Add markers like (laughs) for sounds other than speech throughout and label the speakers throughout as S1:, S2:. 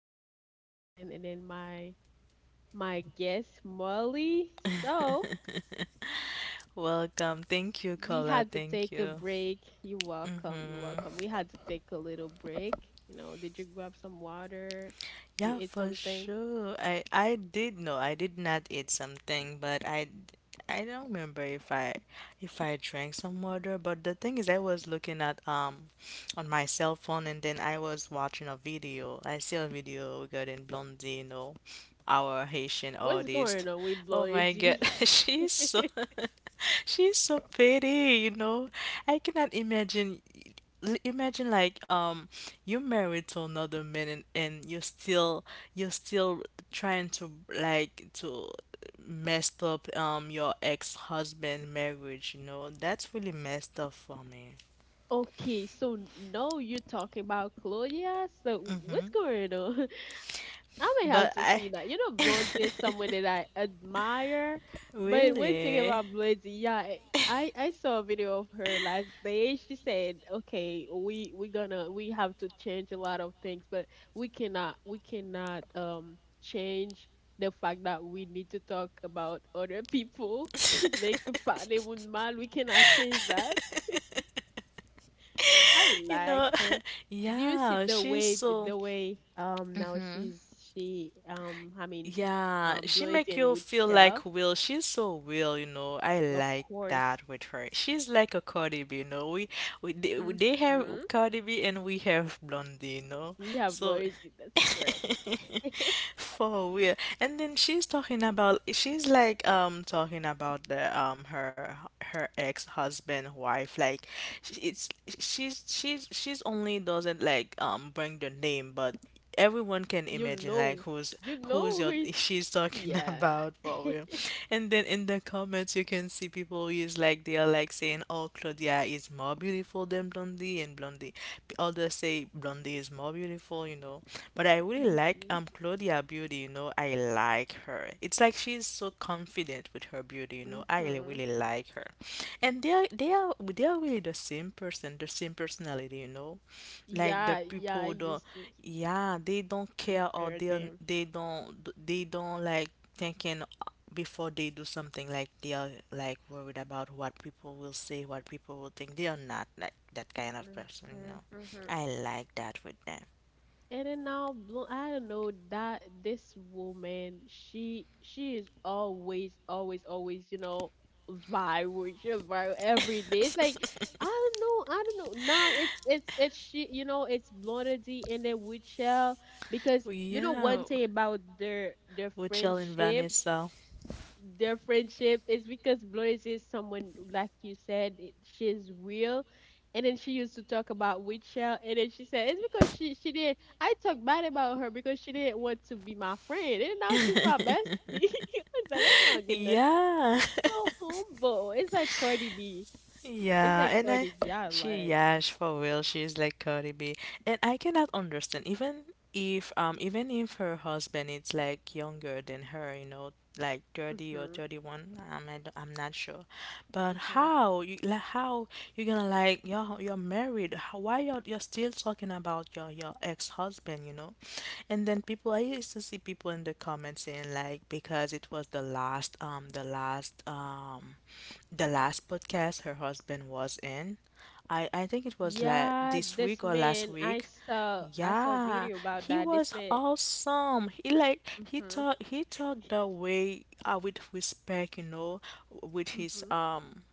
S1: called A Connection, and then my guest Molly. So
S2: Welcome. Thank you,
S1: we
S2: Kola.
S1: had to
S2: Thank
S1: take a
S2: you.
S1: break. You're welcome. You're welcome. We had to take a little break. You know, did you grab some water? You
S2: Yeah,
S1: ate
S2: for
S1: something?
S2: sure. I did know. I did not eat something, but I don't remember if I drank some water, but the thing is I was looking at on my cell phone and then I was watching a video. I see a video regarding Blondie, you know, our Haitian
S1: What's going
S2: artist.
S1: on with
S2: Oh my God,
S1: Bloody?
S2: (laughs) she's so
S1: (laughs)
S2: (laughs) she's so pretty, you know. I cannot imagine. Imagine like you're married to another man and you're still trying to like to messed up your ex-husband marriage, you know. That's really messed up for me.
S1: Okay, so now you're talking about Claudia. So what's
S2: Hmm
S1: going on? I may have
S2: But
S1: to
S2: I
S1: see that. You know,
S2: (laughs)
S1: Blondie is someone that I admire, but one thing
S2: really
S1: about Blondie, yeah, I saw a video of her last day. She said, "Okay, we gonna we have to change a lot of things, but we cannot change the fact that we need to talk about other people. (laughs) like parler
S2: (laughs)
S1: mal, we cannot change that. I
S2: you know,
S1: like her.
S2: (laughs)
S1: Do you see
S2: yeah,
S1: the
S2: she's
S1: way
S2: so.
S1: the way um now she's she um I mean
S2: Yeah,
S1: um
S2: she make
S1: bloating
S2: you
S1: with
S2: feel
S1: Shell?
S2: like Will. She's so Will, you know. I
S1: Of
S2: like
S1: course.
S2: that with her. She's like a Cardi B, you know. We They
S1: Mm-hmm.
S2: have Cardi B and we have Blondie, you know.
S1: We have
S2: So
S1: loyalty, that's correct. (laughs)
S2: (laughs) for real. And then she's talking about, she's like talking about the her her ex-husband wife like it's she's she's only doesn't like bring the name, but everyone can
S1: you
S2: imagine like
S1: know, you
S2: who's
S1: know who
S2: your
S1: is.
S2: she's talking (laughs)
S1: Yeah.
S2: about for
S1: (laughs)
S2: real. And then in the comments, you can see people is like they are like saying, oh, Claudia is more beautiful than Blondie and Blondie, others say Blondie is more beautiful all, you know. But I really like
S1: Mm-hmm.
S2: Claudia Beauty, you know. I like her. It's like she's so confident with her beauty, you know. I
S1: Mm-hmm.
S2: really like her. And they are they are really the same person, the same personality, you know. Like the
S1: Yeah, yeah, I
S2: people don't,
S1: used to
S2: yeah, they don't care, or
S1: compare them.
S2: they don't like thinking before they do something, like they are like worried about what people will say, what people will think. They are not like that kind of person, you
S1: Mm-hmm,
S2: know.
S1: mm-hmm.
S2: I like that with them.
S1: And then now, I don't know that this woman, she is always, always, always, you know, viral. She viral every day. It's like I don't know, I don't know. Now it's she, you know, it's Blondie D and then Witchell, because you know one
S2: Yeah,
S1: thing about their
S2: with Jill and
S1: friendship,
S2: Vanessa.
S1: their friendship is because Flores is someone, like you said, she's real. And then she used to talk about Witchell, and then she said it's because she did. I talked bad about her because she didn't want to be my friend, and now she's my bestie. (laughs) it's like, oh my
S2: (laughs)
S1: goodness,
S2: Yeah. (laughs)
S1: so humble. It's like Cardi B. It's
S2: Yeah,
S1: like
S2: and I,
S1: Cardi B. I
S2: she,
S1: like.
S2: yeah, for real, she's like Cardi B, and I cannot understand. Even if her husband is like younger than her, you know, like thirty or
S1: Hmm
S2: thirty-one, I'm, I'm not sure. But
S1: hmm
S2: how you like how you gonna like you're married? How, why you're still talking about your ex-husband? You know, and then people I used to see people in the comments saying like because it was the last the last the last podcast her husband was in. I think it was like
S1: Yeah,
S2: this
S1: this
S2: week or last
S1: man.
S2: week.
S1: I saw a
S2: Yeah,
S1: video about
S2: he
S1: that. This
S2: was
S1: man.
S2: awesome. He like
S1: Hmm
S2: he talked the way with respect, you know, with his
S1: hmm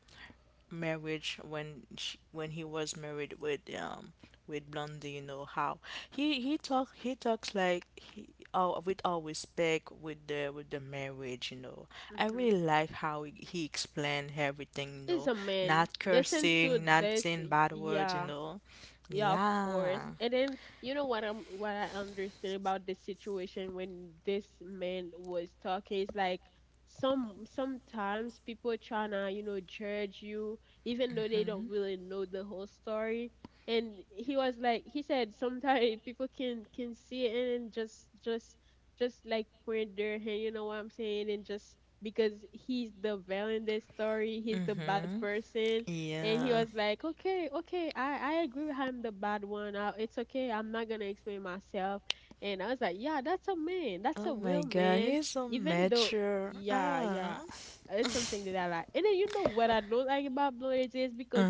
S2: marriage when she, when he was married with Blondie, you know how he talk he talks like he all with all respect with the marriage, you know. I
S1: hmm
S2: really like how he explained everything, you
S1: He's a
S2: know,
S1: man.
S2: not
S1: Listen to
S2: cursing, not
S1: this.
S2: saying bad words, you
S1: Yeah.
S2: know.
S1: Yeah, of course.
S2: Yeah,
S1: And then you know what I'm what I understand about this situation when this man was talking is like sometimes people tryna, you know, judge you, even though they don't really know the whole story. And he was like, he said, sometimes (laughs) people can see it and just like point their hand, you know what I'm saying, and just because he's the villain in this story, he's the bad person, and he
S2: yeah.
S1: was like, okay, okay, I agree with him, the bad one. It's okay. I'm not going to explain myself. And I was like, yeah, that's a man. That's
S2: Oh
S1: a
S2: my
S1: real
S2: God,
S1: man.
S2: he's so
S1: Even though,
S2: mature.
S1: yeah, yeah,
S2: Ah.
S1: it's something that I like. And then you know what I don't like about Blonde is because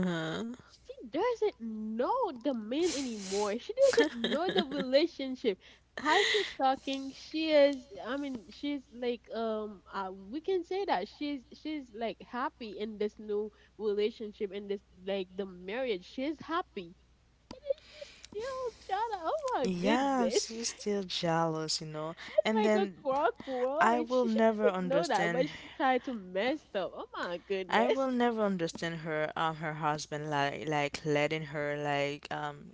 S1: she doesn't know the man anymore. She doesn't know the relationship. How she talking? She is. I mean, she's like, we can say that she's like happy in this new relationship, in this like the marriage. She's happy, and then she's still trying to. Oh my
S2: Yeah,
S1: goodness!
S2: she's still jealous, you know.
S1: (laughs)
S2: And
S1: like a
S2: then I
S1: cockroach.
S2: will
S1: She
S2: never
S1: doesn't know that,
S2: understand
S1: but she tried to mess up. Oh my
S2: I
S1: goodness.
S2: will never understand her her husband like letting her like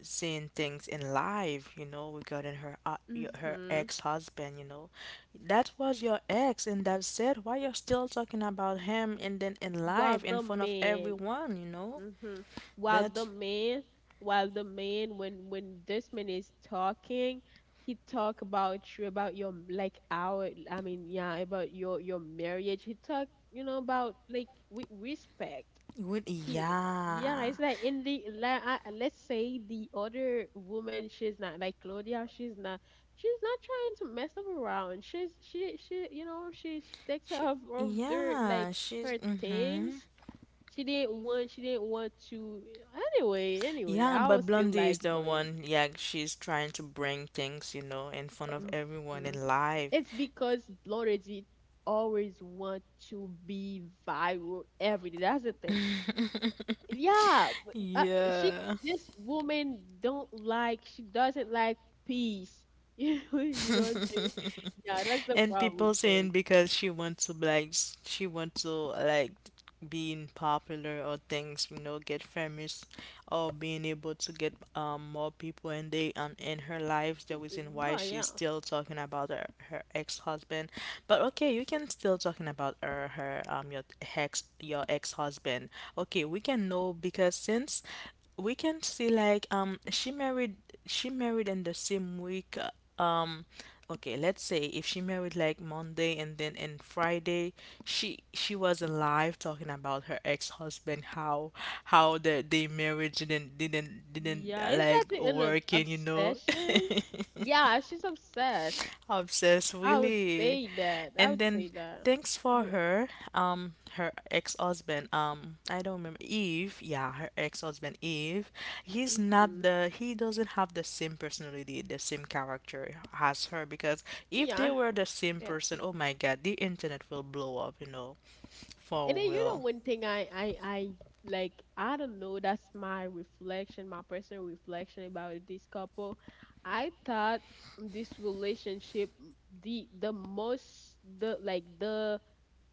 S2: seeing things in live, you know, regarding her her
S1: Mm-hmm.
S2: ex-husband, you know. That was your ex and that's it. Why you're still talking about him and then in
S1: While
S2: live in
S1: the
S2: front of
S1: man,
S2: everyone, you know?
S1: hmm while
S2: That's
S1: the man, while the man, when this man is talking, he talk about you, about your like our, I mean, yeah, about your marriage. He talk, you know, about like with respect.
S2: with,
S1: He,
S2: yeah.
S1: yeah, it's like in the like, let's say the other woman, she's not like Claudia. She's not. She's not trying to mess up around. She, you know, she takes care of their like
S2: Yeah, she's
S1: her
S2: mm-hmm.
S1: things. She didn't want. She didn't want to. Anyway, anyway,
S2: Yeah,
S1: I
S2: but
S1: was still
S2: Blondie is
S1: like
S2: the
S1: bloated.
S2: one, yeah, she's trying to bring things, you know, in front of everyone
S1: Hmm
S2: in live.
S1: It's because bloated it always want to be viral every day. That's the thing. Yeah, but, she.
S2: Yeah.
S1: This woman don't like. She doesn't like peace. (laughs) You know what I'm saying? Yeah, that's the
S2: And
S1: problem
S2: people
S1: with boys.
S2: saying because she wants to like she wants to like being popular or things, you know, get famous or being able to get more people and they in her life the reason why
S1: But yeah,
S2: she's still talking about her, her ex-husband. But okay, you can still talking about her her your ex your ex-husband. Okay, we can know because since we can see like she married in the same week, um okay, let's say if she married like Monday, and then in Friday she was alive talking about her ex-husband, how the marriage didn't didn't
S1: yeah, is that
S2: like
S1: an
S2: work, and you know.
S1: obsession? Yeah, she's obsessed.
S2: Obsessed,
S1: I would
S2: really.
S1: say that. I
S2: And
S1: would say
S2: then
S1: that.
S2: thanks for her, her ex-husband, I don't remember Eve. Yeah, her ex-husband Eve. He's not
S1: Mm-hmm.
S2: the he doesn't have the same personality, the same character as her, because if they
S1: Yeah,
S2: were the same
S1: yeah.
S2: person, oh my God, the internet will blow up, you know,
S1: And
S2: for
S1: then you know
S2: real.
S1: one thing I like, I don't know. That's my reflection, my personal reflection about this couple. I thought this relationship the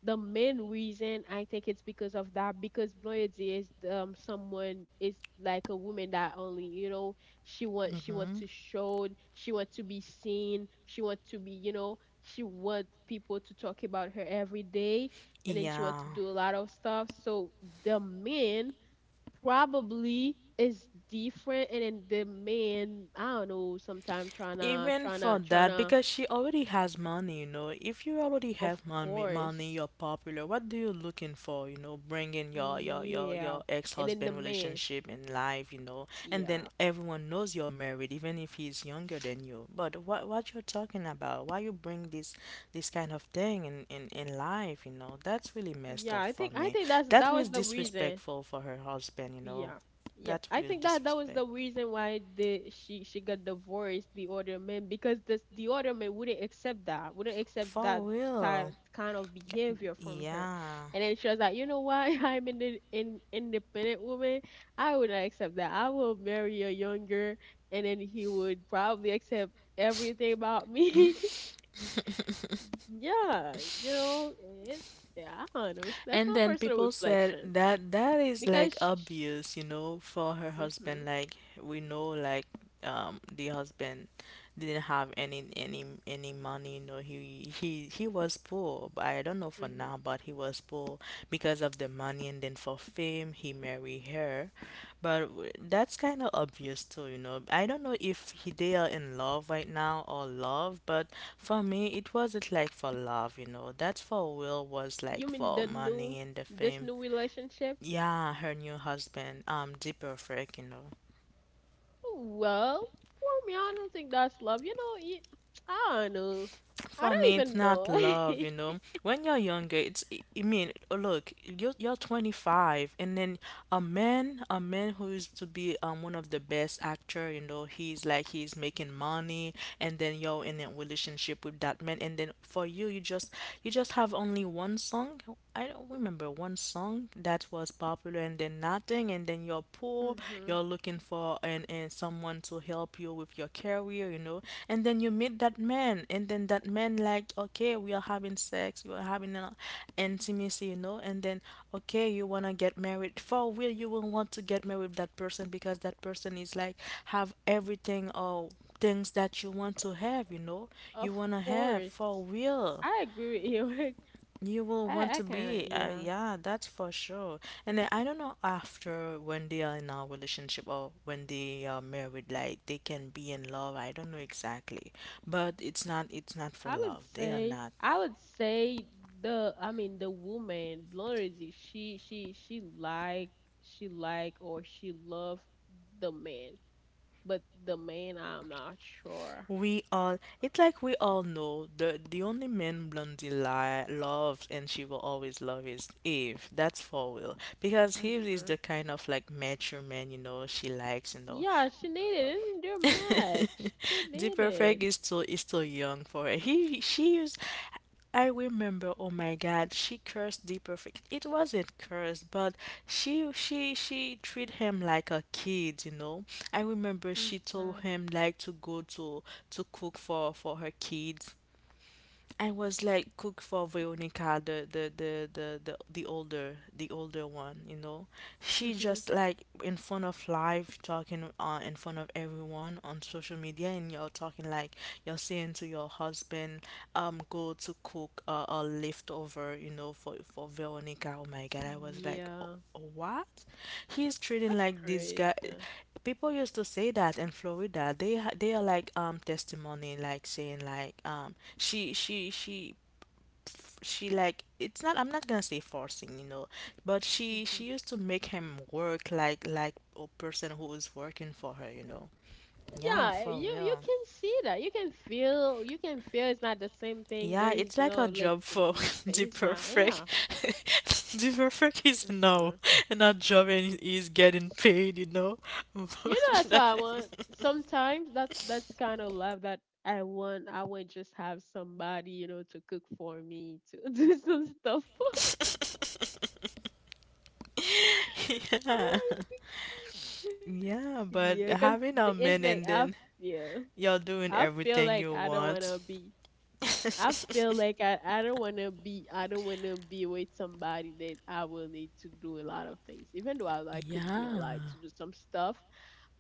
S1: the main reason, I think it's because of that, because loyalty is someone is like a woman that only, you know, she want to show, she want to be seen, she want to be, you know, she want people to talk about her every day, and then she want
S2: Yeah.
S1: to do a lot of stuff. So the man probably is different, and then the man, I don't know, sometimes
S2: Even for
S1: trying
S2: that,
S1: to.
S2: because she already has money, you know. If you already
S1: Of
S2: have money, money, you're
S1: course.
S2: popular. What do you looking for? You know, bringing
S1: Yeah.
S2: your
S1: And then the
S2: ex-husband
S1: man.
S2: relationship in life, you know, and then
S1: Yeah.
S2: everyone knows you're married, even if he's younger than you. But what you're talking about? Why you bring this this kind of thing in life? You know, that's really messed
S1: Yeah,
S2: up for
S1: I
S2: me.
S1: think that's
S2: That
S1: that
S2: was
S1: was the reason.
S2: disrespectful for her husband, you know.
S1: Yeah. Yep.
S2: That's
S1: I
S2: real
S1: think that that was
S2: disrespect.
S1: the reason why the she got divorced the other man, because this the other man wouldn't accept that. Wouldn't accept
S2: For
S1: that style
S2: real.
S1: kind of behavior from her.
S2: Yeah.
S1: And then she was like, "You know what? (laughs) I'm an independent woman. I would not accept that. I will marry a younger." And then he would probably accept everything about me. (laughs) Yeah, you know, it's yeah, I don't know. That's
S2: And
S1: my
S2: then
S1: personal
S2: people said
S1: reflection
S2: that that is
S1: because
S2: like obvious, you know, for her husband.
S1: mhm,
S2: Like we know, like, the husband didn't have any money. You know, he he was poor. But I don't know for
S1: mhm.
S2: now, but he was poor because of the money and then for fame he marry her, but that's kind of obvious too, you know. I don't know if he, they are in love right now or love, but for me, it wasn't like for love, you know. That's for will was
S1: You
S2: like
S1: mean
S2: for
S1: the new
S2: money and the
S1: this
S2: fame.
S1: new relationship?
S2: Yeah, her new husband, um, deeper perfect, you know.
S1: Well, for me, I don't think that's love. You know, you, (tsk) I don't know. I
S2: For
S1: don't
S2: me, it's
S1: even
S2: not
S1: know.
S2: love, you know.
S1: (laughs)
S2: When you're younger, it's, look, you're 25, and then a man who is to be one of the best actor, you know, he's like he's making money, and then you're in a relationship with that man, and then for you, you just have only one song. I don't remember one song that was popular, and then nothing, and then you're poor poor,
S1: mhm.
S2: you're looking for and someone to help you with your career, you know. And then you meet that man, and then that man like, okay, we are having sex, we are having an intimacy, you know. And then okay, you wanna get married. For real, you will want to get married with that person because that person is like have everything or things that you want to have, you know. You
S1: Of
S2: wanna have for
S1: course,
S2: real.
S1: I agree with you.
S2: You
S1: (laughs)
S2: will want
S1: I
S2: to
S1: kind of
S2: be,
S1: yeah.
S2: yeah, that's for sure. And then I don't know, after when they are in a relationship or when they are married, like they can be in love. I don't know exactly, but it's not for love. They are not.
S1: I would say the, I mean, the woman, Blondie, she like, or she love the man, but the man, I'm not sure.
S2: We all, it's like we all know, the only man Blondie li loves and she will always love is Eve. That's for real, because he is
S1: hmm
S2: the kind of like mature man, you know, she likes, you know.
S1: Yeah, she needed it in their match. She
S2: The perfect
S1: needed.
S2: is still young for her. He she used. I remember, oh my God, she cursed the perfect. It wasn't cursed, but she she treated him like a kid, you know. I remember she told
S1: Mm-hmm.
S2: him like to go to cook for her kids. I was like cook for Veronica, the older one, you know. She
S1: Mm-hmm.
S2: just like in front of live talking, in front of everyone on social media, and you're talking like you're saying to your husband, go to cook, a leftover, you know, for Veronica. Oh my God, I was like.
S1: Yeah,
S2: What? He's treating
S1: that's
S2: like this guy.
S1: crazy.
S2: People used to say that in Florida. They they are like testimony, like saying like she she like it's not. I'm not gonna say forcing, you know, but
S1: Hmm
S2: she used to make him work like a person who is working for her, you know. Yeah,
S1: Yeah,
S2: for
S1: you
S2: real.
S1: can see that. You can feel. You can feel. It's not the same thing.
S2: Yeah,
S1: There is
S2: it's like a
S1: no like
S2: job for (laughs) the
S1: restraint. It's not.
S2: perfect.
S1: Yeah.
S2: (laughs) The perfect is now,
S1: Mhm.
S2: not job and he's getting paid, you know. (laughs)
S1: You know, that's what I want. Sometimes that's kind of love that I want. I would just have somebody, you know, to cook for me, to (laughs) do some stuff for me.
S2: (laughs) Yeah.
S1: Oh my god.
S2: Yeah,
S1: Yeah,
S2: but
S1: cause
S2: having a
S1: it's like
S2: man and then
S1: feel,
S2: you're
S1: I
S2: doing
S1: feel like
S2: everything you
S1: I don't wanna
S2: want.
S1: be. I feel like I don't wanna be. I don't wanna be with somebody that I will need to do a lot of things. Even though I like cooking, I
S2: Yeah.
S1: like to do some stuff,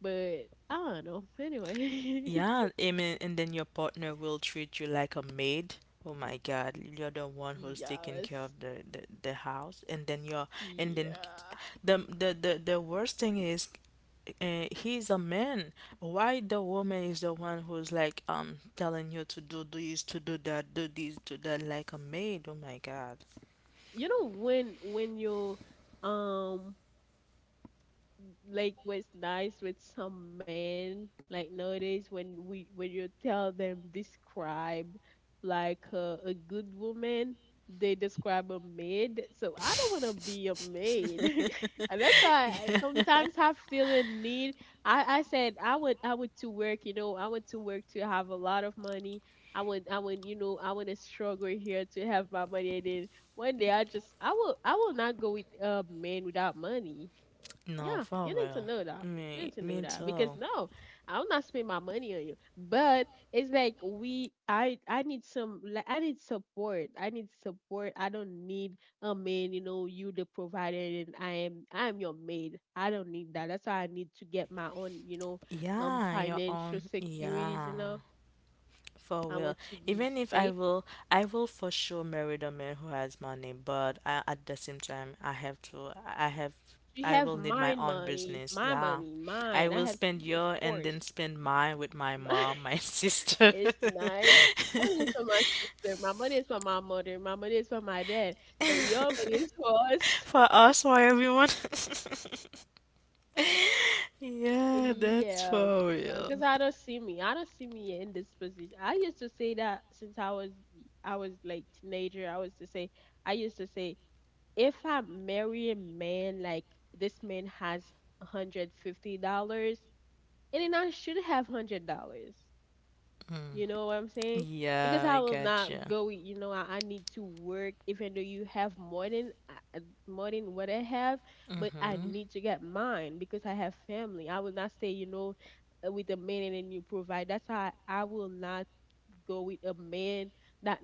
S1: but I don't know. Anyway,
S2: Yeah,
S1: (laughs)
S2: I mean, and then your partner will treat you like a maid. Oh my God, you're the one who's taking care
S1: Yes.
S2: of the house, and then you're and then
S1: Yeah.
S2: the worst thing is, he's a man. Why the woman is the one who's like telling you to do this, to do that, do this, do that, like a maid? Oh my God.
S1: You know when you um like was nice with some men. Like nowadays, when you tell them describe like a good woman, they describe a maid. So I don't want to be a maid, (laughs) and that's why I sometimes I feel a need. I would, I would to work. You know, I want to work to have a lot of money. I would you know, I want to struggle here to have my money, and then one day I just I will not go with a man without money.
S2: No,
S1: Yeah,
S2: for
S1: you need to
S2: real.
S1: know that. You
S2: Me,
S1: need to know
S2: me
S1: that because
S2: too.
S1: no, I'm not spend my money on you. But it's like we, I need some, like I need support. I need support. I don't need a man. You know, you the provider, and I am your maid. I don't need that. That's why I need to get my own, you know,
S2: Yeah, your
S1: financial
S2: own.
S1: securities. You
S2: Yeah,
S1: know,
S2: for
S1: I
S2: real.
S1: want to be
S2: Even if I
S1: stable.
S2: will, I will for sure marry the man who has money, but I, at the same time, I have,
S1: You
S2: I
S1: have
S2: will need my
S1: mine
S2: own
S1: money,
S2: business.
S1: my
S2: Yeah.
S1: money,
S2: I
S1: mine. I
S2: will
S1: have,
S2: spend
S1: of
S2: your and then
S1: course,
S2: spend mine with my
S1: (laughs) mine.
S2: mom, my (laughs) sister.
S1: It's nice.
S2: (laughs)
S1: My money is for my sister. My money is for my mother. My money is for my dad. But your money is for us.
S2: For
S1: (laughs)
S2: us, for everyone. (laughs) Yeah, that's
S1: Yeah,
S2: for
S1: because
S2: real.
S1: I don't see me. I don't see me in this position. I used to say that since I was like teenager. I was to say, I used to say, if I marry a man like this man has $150, and then I should have $100. You know what I'm saying? Because
S2: Yeah, I
S1: I will not
S2: gotcha.
S1: go. With, you know, I need to work, even though you have more than more than what I have, but I need to get mine because I have family. I will not stay, you know, with a man and then you provide. That's how I will not go with a man that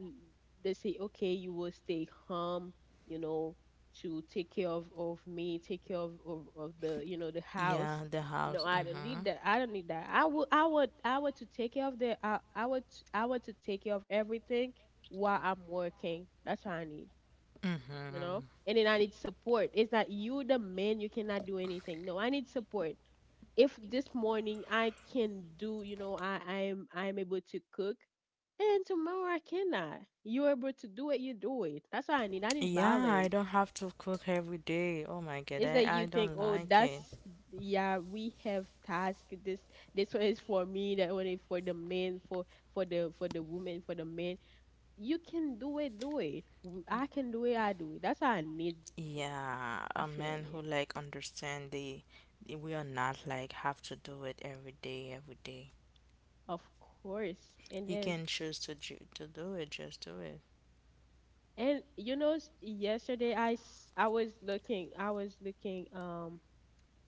S1: they say, okay, you will stay home, you know, to take care of me, take care of the, you know, the house.
S2: Yeah, the
S1: No,
S2: house.
S1: I don't need that. I don't need that. I would I would to take care of the, I I would to take care of everything while I'm working. That's what I need,
S2: hmm
S1: you know?
S2: hmm
S1: And then I need support. It's not you, the man, you cannot do anything. No, I need support if this morning I can do, you know, I am able to cook, and tomorrow I cannot. You're able to do it, you do it. That's what I need. I need
S2: Yeah, I
S1: balance.
S2: don't have to cook every day. Oh my God,
S1: It's that you
S2: I
S1: think,
S2: don't
S1: oh,
S2: like it.
S1: that's yeah, we have task. This one is for me. That one is for the men, for for the women, for the men. You can do it, do it. I can do it, I do it. That's what I need.
S2: Yeah,
S1: I
S2: a
S1: feel
S2: man who
S1: it,
S2: like understand the we are not like have to do it every day, every day.
S1: of course. And
S2: You
S1: then
S2: can choose to to do it, just do it.
S1: and you know, yesterday I was looking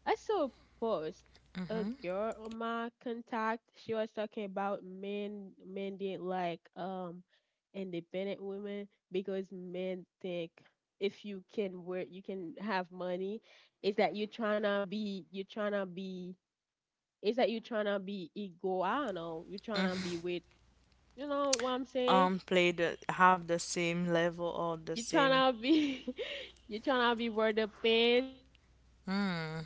S1: I saw a post, a
S2: hmm
S1: girl on my contact. She was talking about men didn't like independent women because men think if you can work you can have money. Is that you trying to be, you trying to be is that you trying to be ego, I don't know, you trying to be with, you know what I'm saying,
S2: Play the have the same level or the
S1: you
S2: same.
S1: trying to be, (laughs) you trying to be worth the.
S2: Mm.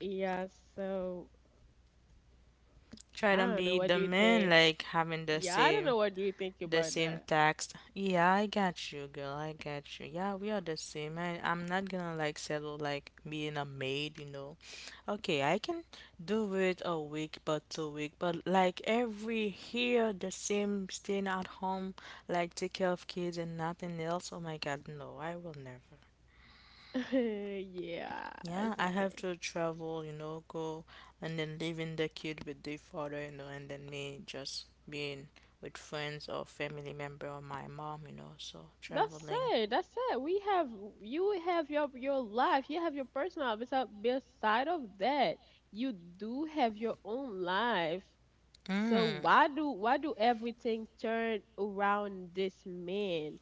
S1: Yeah, so
S2: Try to
S1: I don't know.
S2: be
S1: What
S2: the
S1: do you
S2: man
S1: think?
S2: like having the
S1: Yeah, I don't
S2: same,
S1: know. What do you think
S2: the
S1: about
S2: same
S1: that?
S2: tax. Yeah, I got you, girl. I got you. Yeah, we are the same. I'm not gonna like settle like being a maid, you know. Okay, I can do it a week, but 2 weeks, but like every here the same staying at home, like take care of kids and nothing else. Oh my God, no, I will never.
S1: (laughs) Yeah,
S2: Yeah,
S1: it's a
S2: I have
S1: thing.
S2: to travel, you know, go and then leaving the kid with the father, you know, and then me just being with friends or family member or my mom, you know, so
S1: That's
S2: traveling.
S1: it. That's it. We have, you have your life. You have your personal life. Besides, beside of that, you do have your own life. So
S2: Mm.
S1: why do everything turn around this man?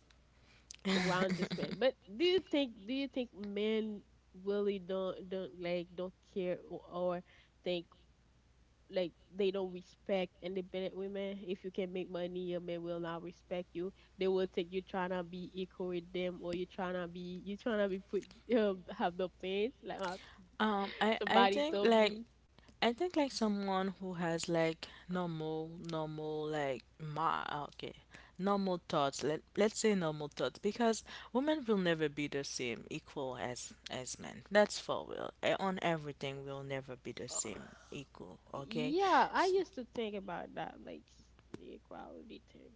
S1: Around this man. But do you think men really don't don't care, or think like they don't respect independent women. If you can make money, your man will not respect you. They will think you trying to be equal with them, or you trying to be put have the pants. Like
S2: I
S1: somebody
S2: think
S1: told
S2: like
S1: me,
S2: I think like someone who has like normal, normal like my okay, normal thoughts. Let's say normal thoughts because women will never be the same equal as men. That's for real. Eh, on everything, we'll never be the
S1: Uh,
S2: same equal. Okay,
S1: yeah, I used to think about that, like the equality thing.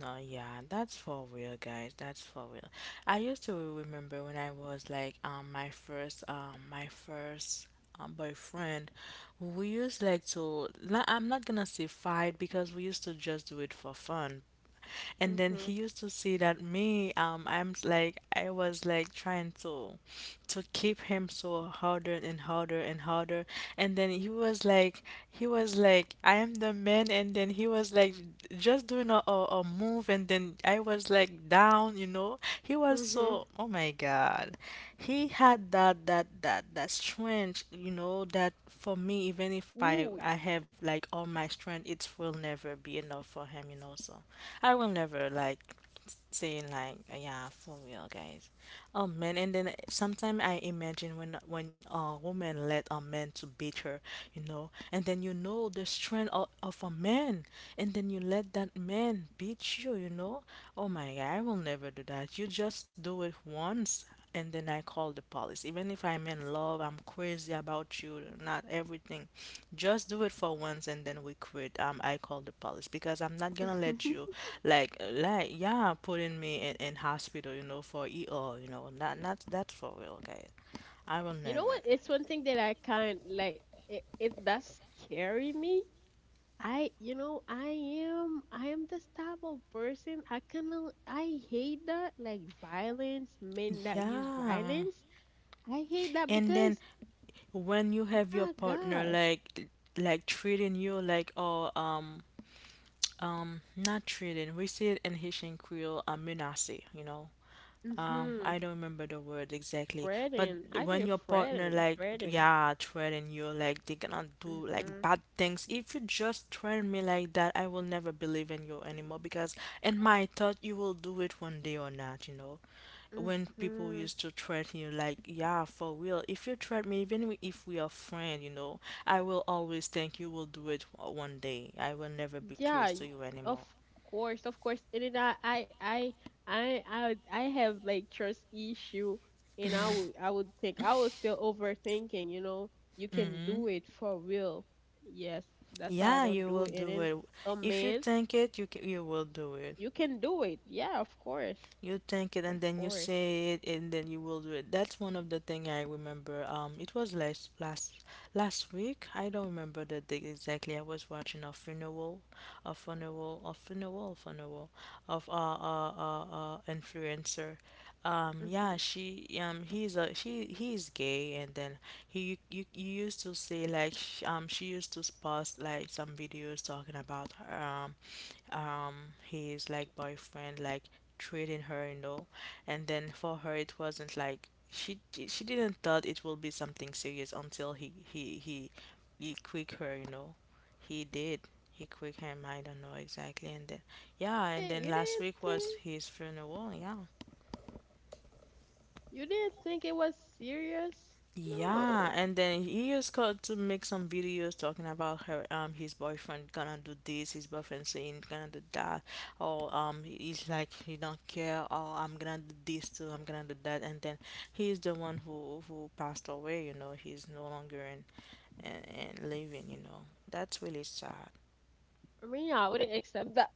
S2: no, yeah, that's for real, guys. That's for real. I used to remember when I was like my first boyfriend. We used like to. No, I'm not gonna say fight because we used to just do it for fun, and then
S1: Mhm,
S2: he used to see that me, like I was like trying to keep him so harder and harder and harder. And then he was like I am the man and then he was like just doing a move and then I was like down, you know. He was
S1: mhm.
S2: so oh my God. He had that strength, you know, that for me even if
S1: Ooh,
S2: I have like all my strength, it will never be enough for him, you know, so. I will never like saying like yeah for real guys oh man and then sometimes I imagine when a woman let a man to beat her, you know, and then you know the strength of a man and then you let that man beat you, you know. Oh my God, I will never do that. You just do it once and then I call the police. Even if I'm in love, I'm crazy about you, not everything. Just do it for once, and then we quit. I call the police because I'm not gonna let you,
S1: (laughs)
S2: like, yeah, putting me in hospital, you know, for ER, you know, not that's for real, guys. I will
S1: you know
S2: never.
S1: what? It's one thing that I kind like. It does scary me. I, you know, I am this type of person. I kind of, I hate that, like violence, men that use
S2: Yeah.
S1: violence. I hate that
S2: And then
S1: because,
S2: when you
S1: oh
S2: have your
S1: my
S2: partner
S1: gosh,
S2: like treating you like oh not treating we see it in Haitian Creole, a menace, you know.
S1: mm-hmm,
S2: I don't remember the word exactly, but
S1: fretting. I
S2: when
S1: did
S2: your partner
S1: fretting,
S2: like
S1: fretting.
S2: yeah threaten you like they gonna do like
S1: Mm-hmm,
S2: bad things. If you just threaten me like that, I will never believe in you anymore because in my thought you will do it one day or not, you know. When people
S1: mm-hmm.
S2: used to threaten you like yeah for real, if you threaten me even if we are friends, you know, I will always think you will do it one day. I will never be
S1: Yeah,
S2: close to you
S1: of
S2: anymore.
S1: course, of course. And then I have like trust issue, and I would think I was still overthinking. You know, you can do it for real. Yes, that's why I
S2: Yeah,
S1: don't
S2: you
S1: do it. And
S2: will do
S1: then
S2: it.
S1: a
S2: If you
S1: man,
S2: think it, you will do it.
S1: you can do it. Yeah, of course,
S2: You think it
S1: of
S2: and then you
S1: course.
S2: say it and then you will do it. That's one of the thing I remember. It was last week. I don't remember the date exactly. I was watching a funeral, funeral of a influencer. Yeah,
S1: Mm-hmm.
S2: she he's a she he's gay and then he you, you used to say like she used to post like some videos talking about her, um his like boyfriend like treating her, you know, and then for her it wasn't like she didn't thought it will be something serious until he quick her, you know, he did he quick him I don't know exactly and then yeah and
S1: And
S2: then last week was his funeral yeah.
S1: you didn't think it was serious.
S2: Yeah,
S1: No,
S2: and then he used called to make some videos talking about her his boyfriend gonna do this, his boyfriend saying gonna do that, or he's like he don't care, or I'm gonna do this too, I'm gonna do that, and then he's the one who passed away, you know, he's no longer in and living, you know. That's really sad.
S1: I mean, I wouldn't accept that.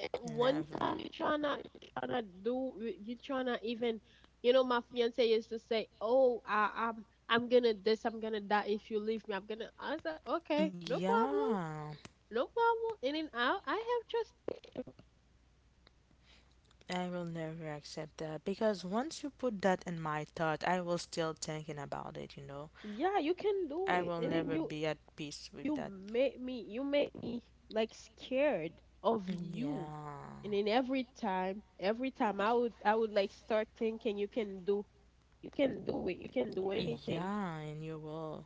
S1: At one
S2: No.
S1: time you trying do, you tryna even, you know, my fiance used to say, oh, I'm I'm gonna this, I'm gonna that, if you leave me I'm gonna. I said, okay, no problem,
S2: Yeah,
S1: no problem. And then I have just
S2: I will never accept that because once you put that in my thought, I was still thinking about it, you know.
S1: yeah, you can do
S2: I
S1: it,
S2: will
S1: and then
S2: never
S1: you,
S2: be at peace with that.
S1: you make me like scared of you. And
S2: Yeah.
S1: then every time I would like start thinking, you can do, you can do it, you can do anything.
S2: Yeah, and you will.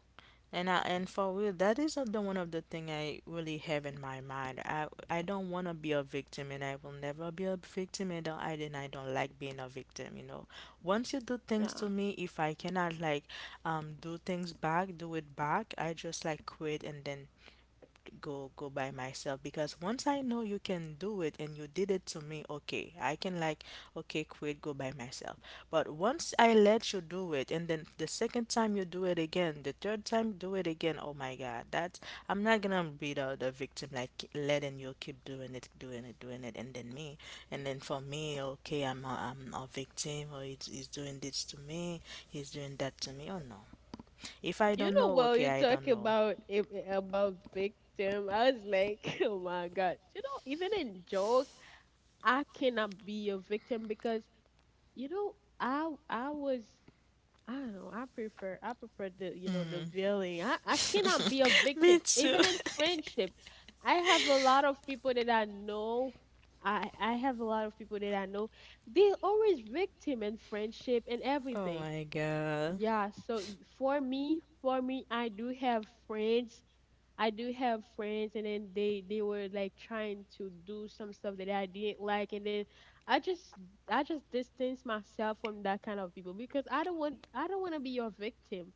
S2: And for real, that is the one of the thing I really have in my mind. I don't want to be a victim, and I will never be a victim. And I don't like being a victim. You know, once you do things
S1: Yeah.
S2: to me, if I cannot like do things back, do it back. I just like quit and then go go by myself because once I know you can do it and you did it to me, okay, I can like okay, quit, go by myself. But once I let you do it and then the second time you do it again, the third time do it again, oh my God, that's I'm not gonna be the victim like letting you keep doing it, doing it, doing it and then me and then for me, okay, I'm a victim or he's doing this to me, he's doing that to me. Oh no. If I
S1: You
S2: don't
S1: know,
S2: know,
S1: while
S2: okay,
S1: you
S2: I don't
S1: talk
S2: know.
S1: about about victim, I was like, (laughs) oh my gosh. You know, even in joke, I cannot be a victim because, you know, I was I don't know. I prefer, the you know, the villain. I cannot be a
S2: (laughs) Me
S1: victim
S2: too.
S1: even in friendship. I have a lot of people that I know. I have a lot of people that I know. They always victim in friendship and
S2: Oh
S1: everything.
S2: my God.
S1: Yeah, so for me, I do have friends. I do have friends, and then they were like trying to do some stuff that I didn't like, and then I just, I just distance myself from that kind of people because I don't want to be your victim.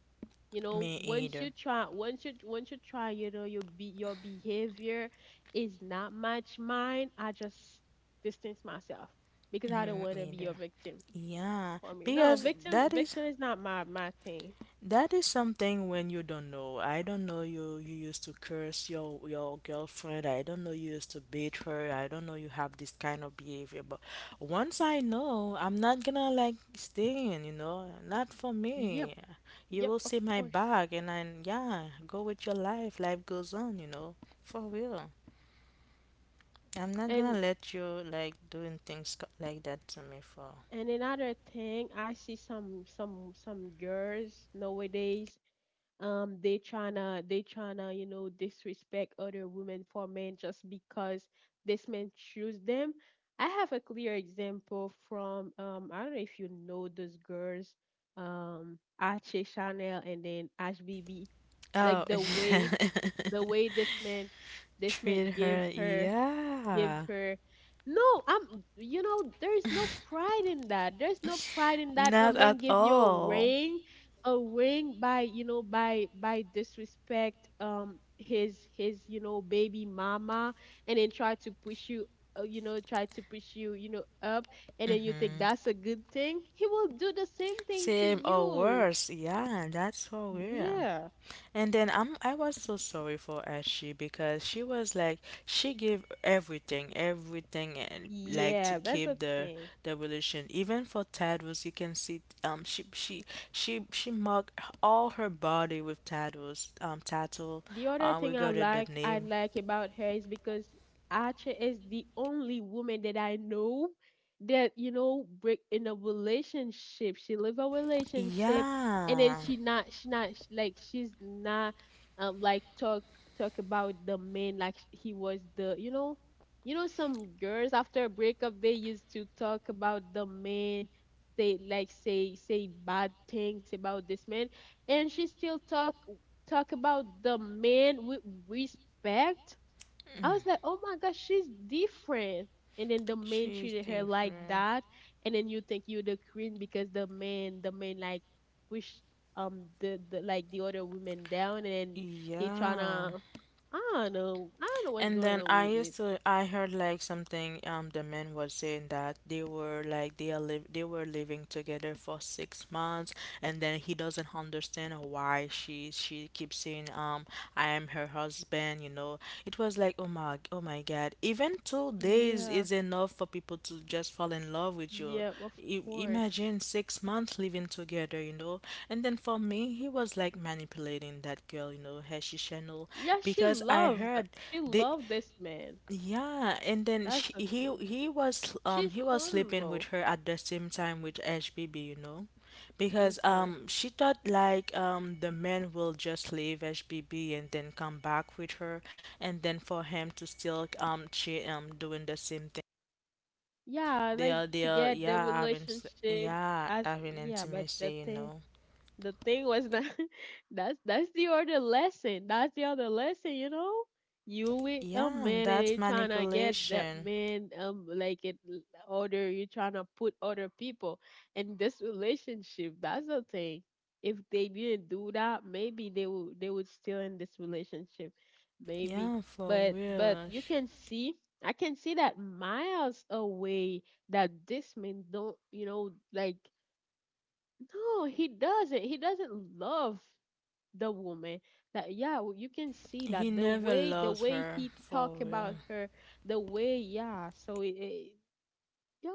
S1: You know,
S2: Me either.
S1: once you try, you know, your be your behavior is not much mine. I just distance myself because I don't want to be your victim
S2: Yeah,
S1: for me. No,
S2: because that is
S1: victim is not my thing.
S2: that is something when you don't know. I don't know you you used to curse your girlfriend. I don't know you used to beat her. I don't know you have this kind of behavior. But once I know, I'm not gonna like stay in, you know, not for me.
S1: Yep,
S2: You
S1: yep,
S2: will
S1: of
S2: see my
S1: course.
S2: back and then yeah, go with your life. Life goes on, you know, for real. I'm not gonna
S1: And
S2: let you like doing things like that to me for.
S1: and another thing, I see some some girls nowadays, they tryna, you know, disrespect other women for men just because this man choose them. I have a clear example from, um, I don't know if you know those girls, Ache Chanel and then Ash B B.
S2: Oh,
S1: Like
S2: (laughs)
S1: the way this man
S2: treat
S1: gave
S2: her,
S1: her, give
S2: yeah,
S1: her, no, I'm, you know, there's no pride in that. A
S2: not
S1: man
S2: at
S1: give you a
S2: all.
S1: ring, a ring by, you know, by disrespect, um, his, you know, baby mama, and then try to push you, you know, try to push you, you know, up, and
S2: Mm,
S1: then you think that's a good thing, he will do the same thing to
S2: same or
S1: you.
S2: worse, yeah, that's so weird.
S1: Yeah,
S2: And then I was so sorry for Ashi because she was like she gave everything, everything and like to
S1: yeah, that's
S2: keep
S1: a thing
S2: the relation. Even for Tattles, you can see she marked all her body with tattles. Um, tattoo.
S1: The other
S2: We
S1: thing
S2: got it the
S1: I
S2: name.
S1: like about her is because Acha is the only woman that I know that, you know, break in a relationship. She live a relationship, and then
S2: Yeah.
S1: she not like she's not, um, like talk, talk about the man, like, he was the, you know, you know, some girls after a breakup they used to talk about the man. They like say, say bad things about this man. And she still talk, talk about the men with respect. I
S2: Mm,
S1: was like, oh my gosh, she's different. And then the men
S2: she's
S1: treated her like that. And then you think you're the queen because the men like push, um, the, like, the other women down, and then he
S2: yeah.
S1: tryna, I don't know. I don't know what's
S2: And
S1: going
S2: then
S1: on
S2: I
S1: with with.
S2: used to I heard like something the men was saying that they were like they are live they were living together for 6 months and then he doesn't understand why she keeps saying I am her husband, you know. It was like oh my oh my God even 2 days
S1: Yeah,
S2: is enough for people to just fall in love with you
S1: yeah, of
S2: you
S1: course.
S2: imagine 6 months living together, you know. And then for me, he was like manipulating that girl, you know, Hershey Chanel,
S1: Yeah, she
S2: because I
S1: loved,
S2: heard
S1: she
S2: they
S1: loved this man.
S2: yeah, and then
S1: That's the thing. She's
S2: he was sleeping with
S1: humble.
S2: her at the same time with HBB, you know, because
S1: Hmm.
S2: she thought like the man will just leave HBB and then come back with her, and then for him to still cheat doing the same thing.
S1: Yeah, like to
S2: They're
S1: get the
S2: yeah, having
S1: relationship
S2: yeah
S1: as
S2: having
S1: yeah. But
S2: intimacy,
S1: the
S2: you
S1: thing,
S2: know.
S1: the thing was that, (laughs) that's the other lesson. That's the other lesson, you know. You with a
S2: Yeah,
S1: man
S2: that's
S1: and you trying to get that
S2: manipulation.
S1: man, um, like it, other, you trying to put other people in this relationship. That's the thing. If they didn't do that, maybe they would still in this relationship. Maybe.
S2: Yeah, for
S1: But
S2: real.
S1: you can see, I can see that miles away that this man don't, you know, like, no, he doesn't. He doesn't love the woman. That yeah, you can see
S2: He
S1: that
S2: never
S1: the
S2: loved
S1: way
S2: her
S1: he
S2: for
S1: talk
S2: real.
S1: about her, the way, yeah. So it,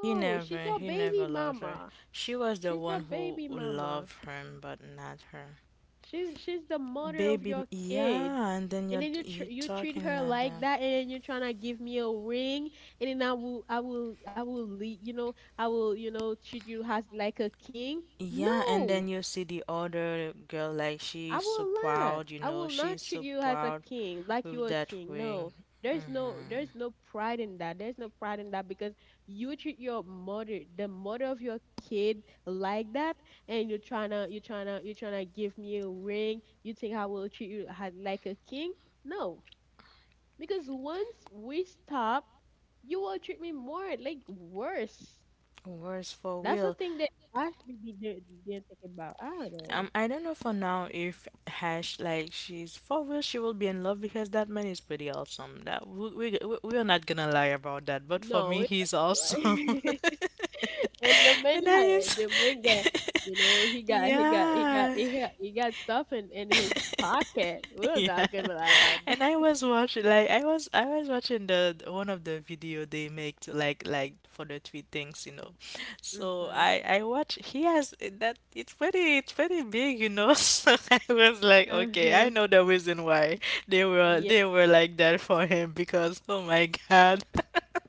S1: she's your
S2: He never
S1: baby
S2: loved her.
S1: mama.
S2: She was the
S1: She's
S2: one
S1: your
S2: who
S1: baby mama.
S2: loved him, but not her.
S1: She's the mother of
S2: Baby,
S1: your kid.
S2: yeah, and then
S1: And
S2: you're
S1: then you treat
S2: talking
S1: her
S2: like that.
S1: like that, and then you're trying to give me a ring, and then I will I will lead, you know, I will, you know, treat you as like a king.
S2: Yeah, and
S1: No,
S2: then you see the other girl, like
S1: I
S2: she's so
S1: will not.
S2: proud, you
S1: I
S2: know,
S1: will not
S2: she's
S1: treat
S2: so
S1: you as a
S2: proud
S1: king, like
S2: of
S1: you're a
S2: that
S1: king.
S2: ring.
S1: No.
S2: Mm.
S1: There's no pride in that. There's no pride in that because you treat your mother, the mother of your kid like that, and you're trying to, you're trying to give me a ring. You think I will treat you like a king? No. Because once we stop, you will treat me more like worse.
S2: Where's for
S1: That's the
S2: real?
S1: thing that I should be didn't think about. I don't know.
S2: I don't know for now if Hash like she's for real. She will be in love because that man is pretty awesome. That we are not gonna lie about that. But for
S1: No,
S2: me,
S1: it,
S2: he's
S1: (laughs)
S2: awesome. (laughs)
S1: (laughs) and
S2: And then you.
S1: the main guy, you know,
S2: Yeah. (laughs)
S1: he got stuff in his pocket. We're
S2: Yeah.
S1: not gonna lie about
S2: And
S1: that.
S2: I was watching like I was watching one of the video they make to like for the tweet things, you know. So
S1: (laughs)
S2: I watch he has that it's pretty big, you know. (laughs) So I was like,
S1: Mhm. Uh
S2: okay, I
S1: huh.
S2: know the reason why they were like that for him because oh my God.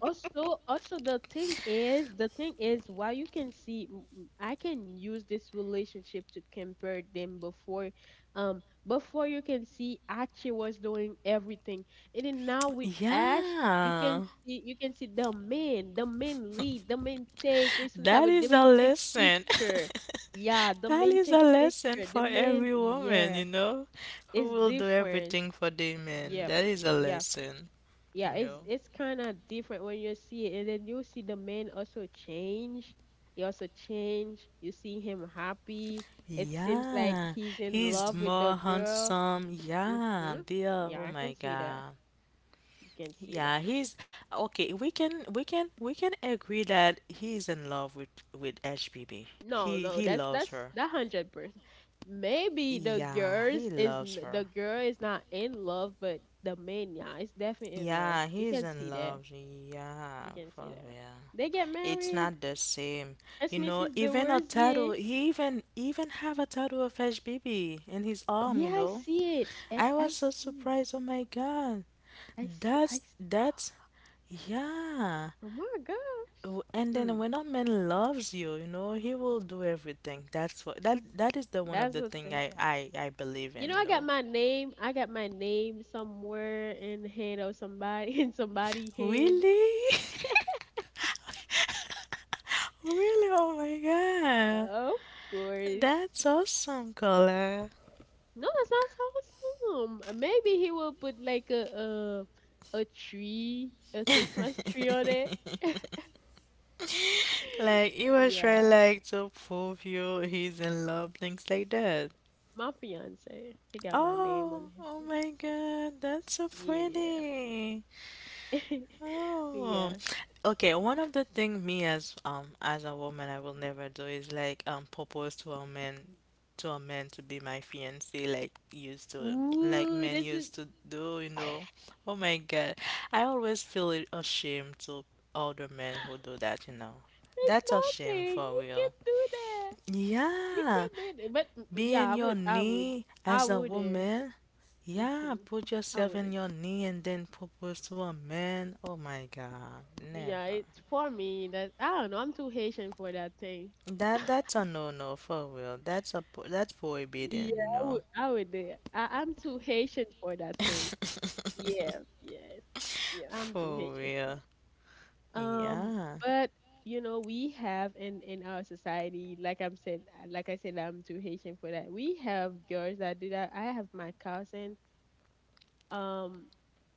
S1: Also, also the thing is, while you can see, I can use this relationship to compare them before, before, you can see Archie was doing everything, and then now with Ash,
S2: Yeah.
S1: you can see the man lead, the man take
S2: That
S1: responsibility, the
S2: is a
S1: man take
S2: lesson.
S1: picture, yeah, the
S2: That
S1: man
S2: is
S1: take
S2: a lesson
S1: picture, the
S2: for
S1: man,
S2: every woman,
S1: yeah,
S2: you know, who
S1: it's
S2: will do
S1: different,
S2: everything for their man.
S1: yep,
S2: That is a
S1: yeah,
S2: lesson, you
S1: yeah,
S2: know.
S1: it's kind of different when you see it, and then you see the man also change. He also change. You see him happy. It seems
S2: Yeah,
S1: like he's in
S2: he's
S1: love with
S2: more
S1: the girl.
S2: handsome. Yeah,
S1: Mhm.
S2: they are.
S1: Yeah,
S2: Oh
S1: I can
S2: my
S1: see that.
S2: God.
S1: You can see
S2: Yeah,
S1: that.
S2: he's okay. We can we can agree that he is in love with HBB.
S1: No,
S2: He
S1: no,
S2: he loves
S1: that's
S2: her.
S1: that 100%. Maybe the
S2: Yeah,
S1: girls
S2: he
S1: is
S2: loves her.
S1: the girl is not in love, but the man, yeah, is definitely in love.
S2: Yeah,
S1: You
S2: he's
S1: can
S2: in
S1: see that.
S2: love.
S1: You
S2: Yeah,
S1: can see
S2: for
S1: that.
S2: real.
S1: They get
S2: It's
S1: married.
S2: not the same.
S1: That's
S2: You know,
S1: Mrs. De
S2: even a
S1: Rozier.
S2: tattoo, he even have a tattoo of HBB in his arm,
S1: Yeah,
S2: you
S1: I
S2: know.
S1: see it.
S2: I
S1: I
S2: was so
S1: see.
S2: surprised. Oh my God.
S1: I see. I
S2: That's
S1: s
S2: that's yeah.
S1: Oh my gosh.
S2: And then when a man loves you, you know, he will do everything. That's what that is the one of
S1: That's
S2: the
S1: the
S2: thing
S1: thing.
S2: I believe
S1: You
S2: in,
S1: know,
S2: you
S1: I got
S2: know.
S1: my name. I got my name somewhere in the head of somebody (laughs) in somebody's head.
S2: Really? (laughs) Really? Oh my God.
S1: Of course.
S2: That's awesome, Colin.
S1: No, that sounds awesome. Maybe he will put like a tree, a Christmas tree on it. (laughs)
S2: Like he was trying
S1: Yeah,
S2: like to prove you he's in love, things like that.
S1: my fiance. He got my name on
S2: Oh, oh
S1: his.
S2: my God, that's so
S1: Yeah.
S2: pretty.
S1: (laughs)
S2: Oh,
S1: Yeah.
S2: okay. One of the things me as as a woman I will never do is like propose to a man to a man to be my fiance like used to like
S1: Ooh,
S2: men used to do, you know. Oh my God, I always feel ashamed to older men who
S1: (laughs)
S2: do that, you know.
S1: it's
S2: That's a shame
S1: nothing.
S2: for
S1: You can
S2: real.
S1: do that. You
S2: Yeah.
S1: can do that. But
S2: Be in
S1: yeah, I
S2: your
S1: would. I would.
S2: knee
S1: I
S2: as a
S1: would.
S2: woman.
S1: Uh
S2: Yeah,
S1: hmm
S2: put
S1: I
S2: yourself
S1: would.
S2: in your knee and then propose to a man. Oh my God,
S1: Yeah,
S2: never.
S1: it's for me that I don't know. I'm too Haitian for that thing.
S2: That's a no-no for real. That's
S1: Yeah,
S2: prohibited, you
S1: I
S2: know.
S1: would. I would. I'm too Haitian for that thing.
S2: (laughs)
S1: Yeah, yeah, yeah. I'm too
S2: For
S1: Haitian for that.
S2: real.
S1: Um,
S2: Yeah.
S1: but you know, we have in our society, like I said, I'm too Haitian for that. We have girls that do that. I have my cousin. Um,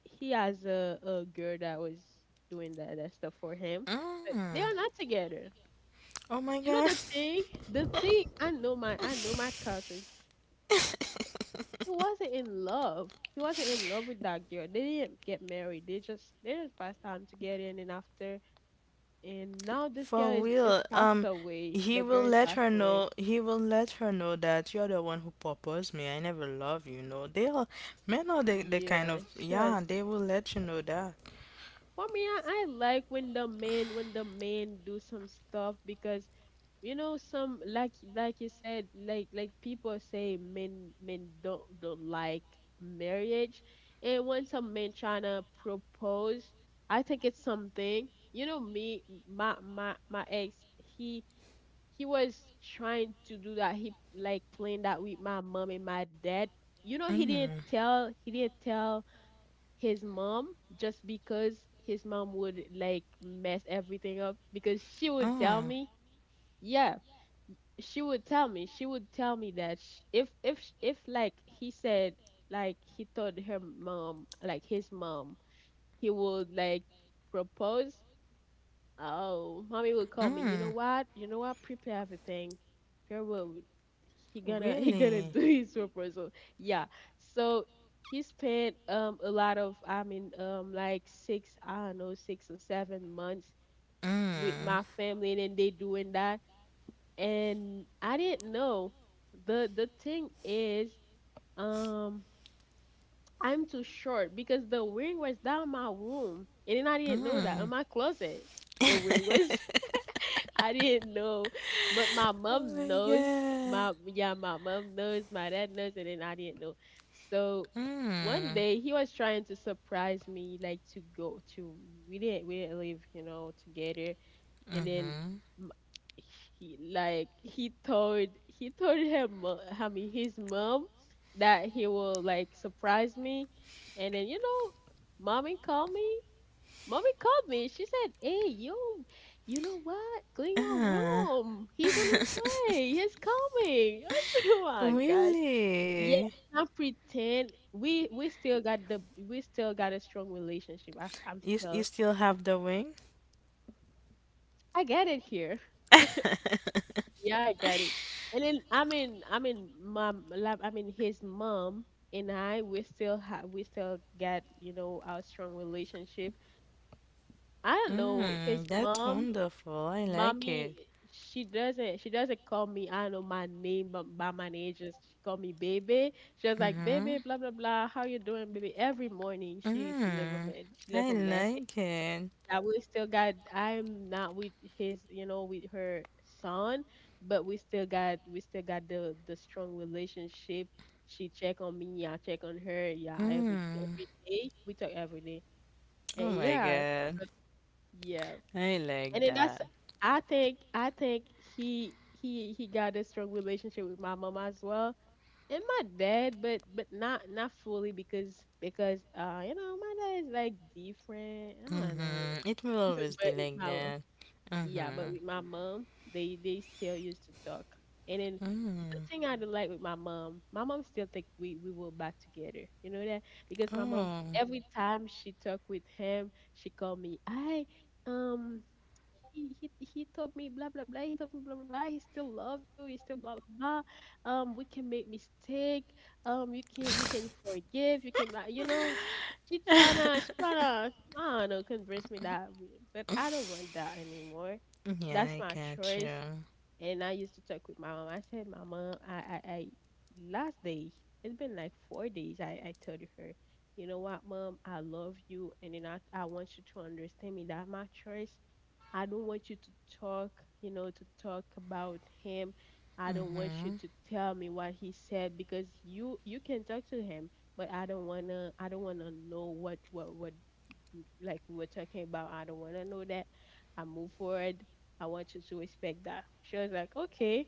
S1: he has a girl that was doing that stuff for him, but they
S2: Mm.
S1: are not together.
S2: Oh my
S1: You know
S2: God.
S1: the thing, the thing. I know my cousins. He wasn't in love. He wasn't in love with that girl. They didn't get married. They just passed time together, and then after. And now this girl
S2: For
S1: is
S2: real,
S1: passed away.
S2: he
S1: The
S2: will
S1: girl is
S2: let
S1: passed
S2: her
S1: away.
S2: know. He will let her know that you're the one who proposed me. I never love you. No, they are men are the kind
S1: Yeah,
S2: of
S1: sure.
S2: yeah. They will let you know that.
S1: For me, I like when the men do some stuff because you know some like you said like people say men don't like marriage, and when some men trying to propose, I think it's something. You know me my my ex, he he was trying to do that. He like playing that with my mom and my dad. You know,
S2: Mm.
S1: he didn't tell his mom just because his mom would like mess everything up because she would tell
S2: Oh.
S1: me, yeah, she would tell me that sh if if like he said, like he told her mom like his mom, he would like propose. Oh, mommy would call me. You know
S2: Mm.
S1: what? You know what? Prepare everything. Farewell. He gonna (laughs) he gonna do
S2: Really.
S1: his proposal. Yeah. So he spent a lot of like six I don't know 6 or 7 months with
S2: Mm.
S1: my family and then they doing that, and I didn't know. The thing is um I'm too short because the ring was down my room, and then I didn't know that in my closet the ring was. (laughs) I didn't know, but my
S2: Oh
S1: mom
S2: my
S1: knows.
S2: God.
S1: My Yeah, my mom knows. My dad knows, and then I didn't know. So one
S2: Mm.
S1: day he was trying to surprise me, like to go to. We didn't live, you know, together. And then
S2: Mm-hmm.
S1: m- he told her mo- I mean his mom that he will like surprise me, and then you know, mommy called me mommy called me. She said, "Hey, you know what? Clean your
S2: Uh.
S1: room. He's on his way.
S2: (laughs)
S1: He's coming." (laughs) I said, "Oh my gosh!" Yeah,
S2: Really.
S1: let's not pretend. We still got a strong relationship. I'm
S2: You you
S1: still.
S2: still have the ring?
S1: I get it here.
S2: (laughs)
S1: Yeah, I got it. And then I mean mom like, I mean his mom and I, we still got, you know, our strong relationship. I don't know his
S2: Mm, that's
S1: mom.
S2: wonderful. I like
S1: Mommy,
S2: it.
S1: she doesn't call me, I don't know my name but by my name, just she call me baby. She was like,
S2: Mm-hmm.
S1: baby, blah blah blah. How you doing, baby? Every morning
S2: Mm.
S1: she leave
S2: I
S1: a message.
S2: like it.
S1: I We still got. I'm not with his, you know, with her son, but we still got the strong relationship. She check on me, I check on her, yeah,
S2: Mm.
S1: every day. We talk every day.
S2: Oh
S1: And
S2: my
S1: yeah,
S2: God.
S1: so, yeah.
S2: I like
S1: And then that's
S2: that.
S1: I think he got a strong relationship with my mom as well. And my dad, but not not fully because you know my dad is like different. I don't know,
S2: Mm-hmm. It will
S1: (laughs)
S2: always be
S1: but with
S2: like
S1: my mom,
S2: that.
S1: yeah,
S2: Mm-hmm.
S1: but with my mom, they still used to talk. And then the
S2: Mm.
S1: thing I do like with my mom still think we will back together. You know that because my mom,
S2: Oh.
S1: every time she talk with him, she call me. I um he told me blah blah blah. He told me blah blah blah. He still love you. He still blah blah blah. We can make mistake. You can forgive. You can blah. You know, she tryna, I don't know, convince me that, but I don't want that anymore.
S2: Yeah,
S1: That's
S2: I
S1: my
S2: got
S1: choice.
S2: you.
S1: And I used to talk with my mom. I said, my mom, I last day, it's been like 4 days. I told her, you know what, mom, I love you, and then I want you to understand me that my choice, I don't want you to talk, you know, to talk about him. I don't want you
S2: Mm-hmm.
S1: to tell me what he said because you can talk to him, but I don't wanna know what you- like we were talking about. I don't wanna know that. I move forward. I want you to respect that. She was like, okay,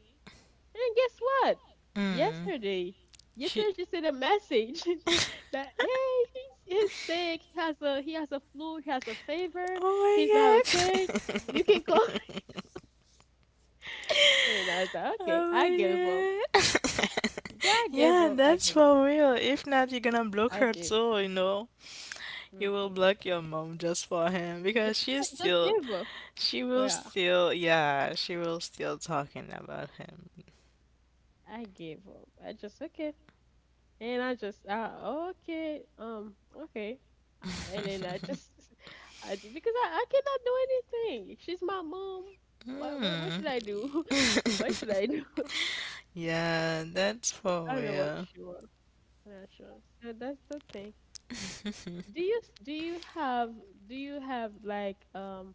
S1: and guess what? Yesterday,
S2: She-
S1: yesterday she sent a message (laughs) that hey, he's sick. He has a flu. He has a fever. He's not
S2: oh
S1: okay.
S2: my
S1: You can
S2: God.
S1: call. (laughs) And I was like,
S2: (laughs)
S1: okay, I gave up.
S2: Oh my God.
S1: Yeah, I
S2: (laughs)
S1: gave
S2: Yeah,
S1: up. I
S2: that's
S1: gave up.
S2: for real. If not, you're gonna block
S1: I
S2: her
S1: gave
S2: too, you know?
S1: up.
S2: You will
S1: hmm
S2: block your mom just for him
S1: Yeah,
S2: because
S1: I
S2: she's
S1: just
S2: still.
S1: gave up.
S2: She will
S1: Yeah,
S2: still, yeah, she will still talking about him.
S1: I gave up. I just okay. And I just, oh, okay, okay. And then (laughs) I just, because I cannot do anything. She's my mom. What
S2: Mm,
S1: should I do? (laughs) What should I do?
S2: yeah, that's
S1: (laughs) I
S2: for
S1: don't know what
S2: real.
S1: she wants. I'm not sure. So that's the thing. Do you have, do you have like,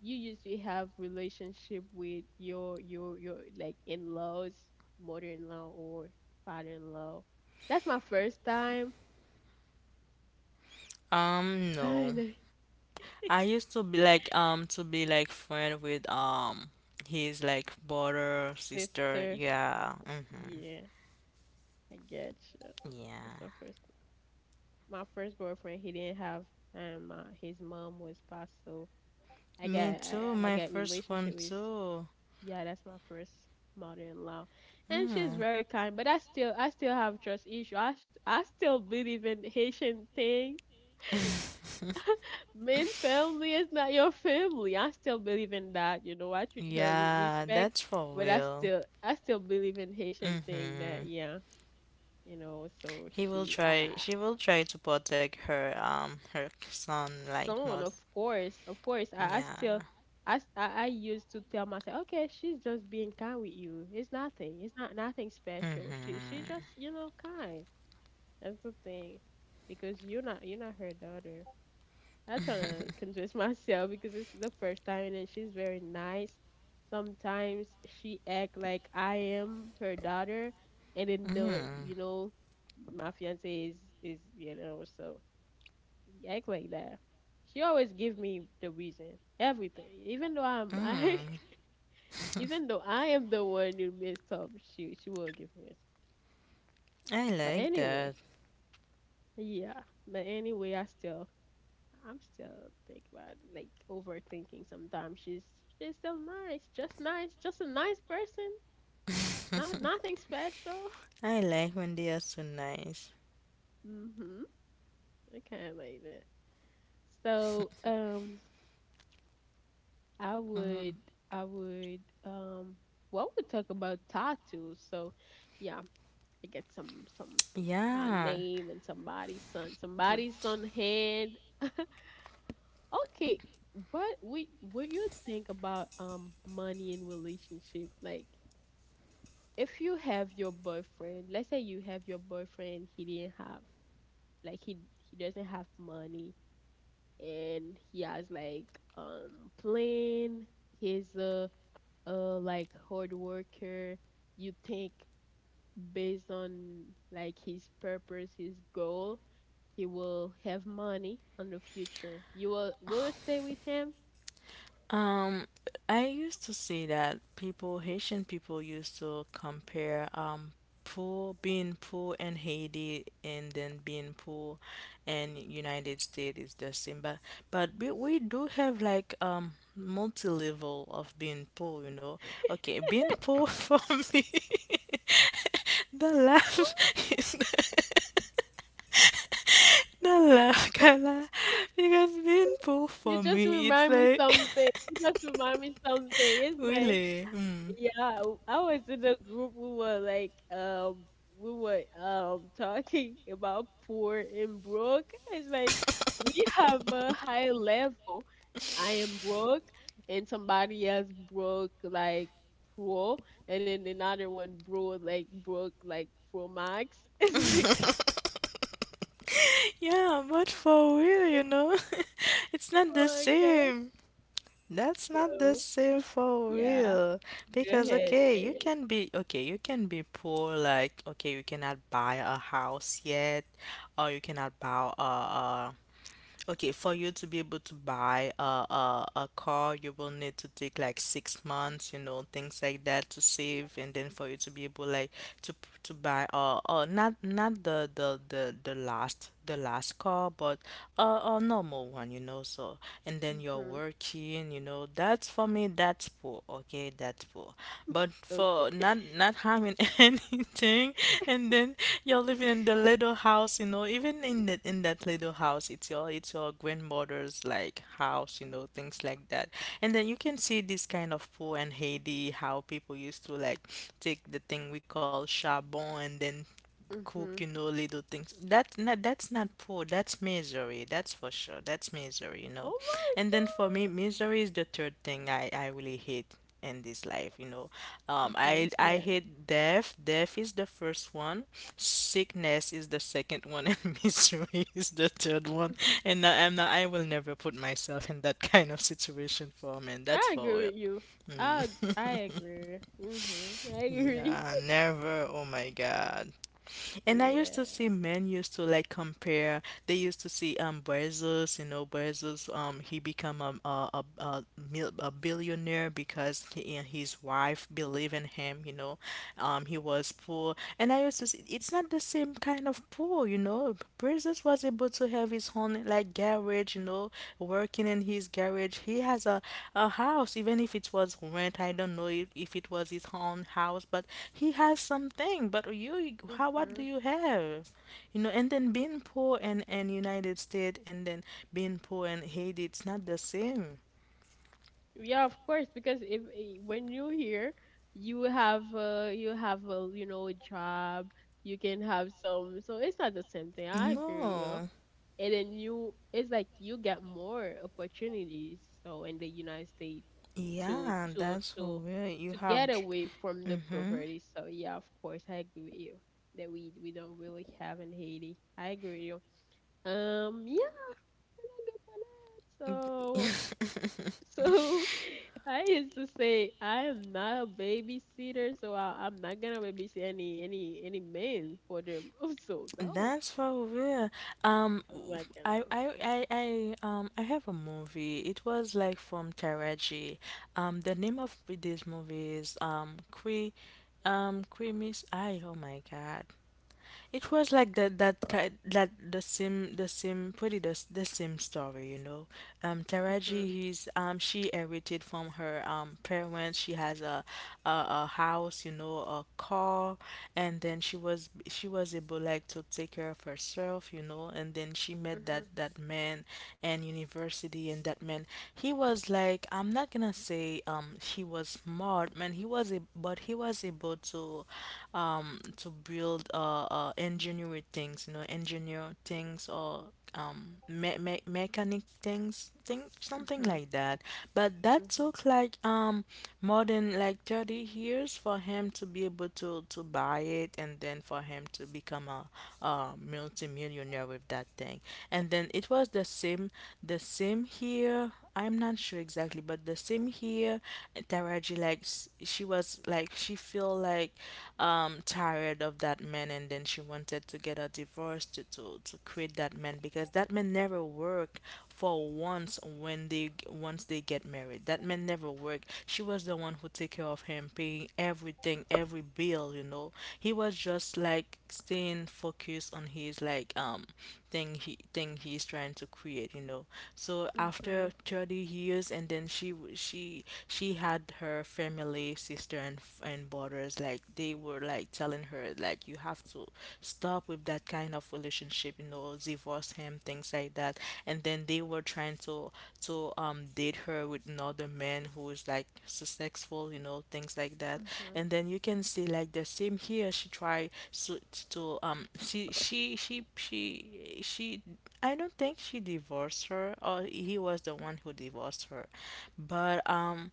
S1: you usually have relationship with your like in-laws, mother-in-law or father-in-law? That's my first time. (laughs)
S2: No.
S1: And
S2: I used to be like friend with, his like brother, sister.
S1: sister.
S2: Yeah. Mm-hmm.
S1: Yeah, I get you. That's
S2: Yeah.
S1: my first. My first boyfriend, he didn't have his mom was passed, so I
S2: Me
S1: got
S2: too.
S1: I, I
S2: My
S1: got
S2: first one
S1: relationship with.
S2: too.
S1: Yeah, that's my first mother-in-law, and she's
S2: Mm.
S1: very kind. But I still have trust issue. I still believe in Haitian thing. Main family is not your family. I still believe in that. You know, I treat her with
S2: Yeah, that's
S1: respect,
S2: for
S1: but
S2: real.
S1: I still believe in Haitian thing. That yeah you know so
S2: He will
S1: she
S2: try,
S1: I,
S2: she will try to protect her, her son like
S1: son,
S2: most.
S1: of course, of course.
S2: Yeah.
S1: I still, I used to tell myself, okay, she's just being kind with you. It's nothing. It's not nothing special.
S2: Mm-hmm.
S1: She just, you know, kind. That's the thing, because you're not her daughter. I try to convince (laughs) myself because it's the first time, and she's very nice. Sometimes she act like I am her daughter, and then the, you know, my fiance is, you know, so. You act like that. She always give me the reason, everything. Even though (laughs) even though I am the one who messed up, she will give me. It.
S2: I
S1: But
S2: like that.
S1: anyway, yeah. But anyway, I still. I'm still think about it, like overthinking. Sometimes she's still nice, just a nice person. Not nothing special. (laughs)
S2: I like when they are so nice.
S1: Mhm. I can't believe it. So I would I would well we talk about tattoos. So yeah, I get some some my
S2: Yeah.
S1: name and
S2: But,
S1: somebody's son hand. Okay, what you think about money in relationship? Like if you have your boyfriend, let's say you have your boyfriend, like he he doesn't have money, and he has like plane, his like hard worker, you think based on like his purpose his goal he will have money on the future, you will you stay with him?
S2: um, I used to see that people, Haitian people, used to compare poor being poor in Haiti and then being poor in United States is the same. But we do have like multi-level of being poor, you know. Okay, being poor (laughs) for me, (laughs) the laugh. (laughs) La la ka la, it
S1: (laughs)
S2: has been poor for me. It's like, (laughs)
S1: You just remind me something. It's like
S2: really? Mm.
S1: yeah, I was in a group. We were like, we were talking (laughs) about poor and broke. It's like we have a high level. I am broke, and somebody else broke like pro, and then another one broke like pro max. (laughs) It's like,
S2: Yeah, but for real, you know, (laughs) it's not the
S1: oh my god.
S2: same. That's not the
S1: So,
S2: same for
S1: yeah,
S2: real.
S1: go
S2: Because,
S1: ahead.
S2: okay,
S1: Go
S2: you
S1: ahead.
S2: can be, okay, you can be poor, like, okay, you cannot buy a house yet, or you cannot buy a, okay, for you to be able to buy a, a car, you will need to take like 6 months, you know, things like that to save, and then for you to be able like to buy not not the last the last car, but a normal one, you know. So and then you're
S1: Mhm.
S2: working, you know. That's for me. That's poor poor. Okay, that's poor. But for
S1: Okay.
S2: not
S1: (laughs)
S2: not having (laughs) anything, and then you're living in the little house, you know. Even in that little house, it's your grandmother's like house, you know, things like that. And then you can see this kind of poor in Haiti, how people used to like take the thing we call charbon and then cook, you
S1: Mhm.
S2: know, little things. That not, that's not poor. That's misery. That's for sure. That's misery, you know.
S1: Oh
S2: And
S1: my
S2: then for me, misery is the third thing I really hate in this life, you know.
S1: god. Okay.
S2: I
S1: Yeah.
S2: hate death. Death is the first one. Sickness is the second one, (laughs) and misery is the third one.
S1: (laughs)
S2: And I, I'm not. I will never put myself in that (laughs) kind of situation for a man. That's
S1: I
S2: for
S1: agree with you. I agree. Mhm. I agree. (laughs)
S2: yeah, never. Oh my God. And I used to
S1: Yeah.
S2: see men used to like compare. They used to see Bezos, you know, Bezos. He become a billionaire because he and his wife believe in him. You know, he was poor, and I used to see it's not the same kind of poor, you know. Bridges was able to have his own like garage, you know, working in his garage. He has a house, even if it was rent. I don't know if it was his own house, but he has something. But you, how what do
S1: Mhm.
S2: you have? You know, and then being poor in United States and then being poor in Haiti, it's not the same.
S1: Yeah, of course, because if eh, when you're here, you have a a job, you can have some. So it's not the same thing. I agree with you.
S2: No.
S1: And then you it's like you get more opportunities, so in the United States to
S2: Yeah,
S1: to
S2: that's for
S1: to
S2: real. You
S1: to
S2: have.
S1: get away from the
S2: Mm-hmm.
S1: poverty. So yeah, of course I agree with you that we don't really have in Haiti. I agree with you. Yeah, we're not good for that. so
S2: (laughs)
S1: so (laughs) I used to say I am not a babysitter, so I'm not gonna babysit any man for them. (laughs) So no,
S2: That's for real. Um,
S1: I'm not gonna.
S2: I have a movie. It was like from Taraji. The name of this movie is Que, Que Miss I. Oh my God. It was like that the same the same story, you know. Taraji, he's she inherited from her parents. She has a, a a house, you know, a car, and then she was able like to take care of herself, you know. And then she met
S1: Hmm.
S2: that man and university, and that man he was like I'm not gonna say he was smart, man. He was a but he was able to build engineer things you know engineer things or mechanic things thing something
S1: Hmm.
S2: like that but that
S1: Mhm.
S2: took like more than like 30 years for him to be able to buy it and then for him to become a multimillionaire with that thing and then it was the same here. I'm not sure exactly, but the same here, Taraji, like, she was, like, she feel feel like tired of that man and then she wanted to get a divorce to to quit that man because that man never work for once when they once they get married. That man never work. She was the one who take care of him, paying everything, every bill, you know. He was just like staying focused on his like thing he thing he's trying to create you know so after
S1: Mhm.
S2: 30 years and then she had her family family, sister, and and brothers, like they were like telling her like you have to stop with that kind of relationship, you know, divorce him, things like that. And then they were trying to date her with another man who is like successful, you know, things like that.
S1: Mhm.
S2: And then you can see like the same here. She tried so to she I don't think she divorced her or he was the one who divorced her. But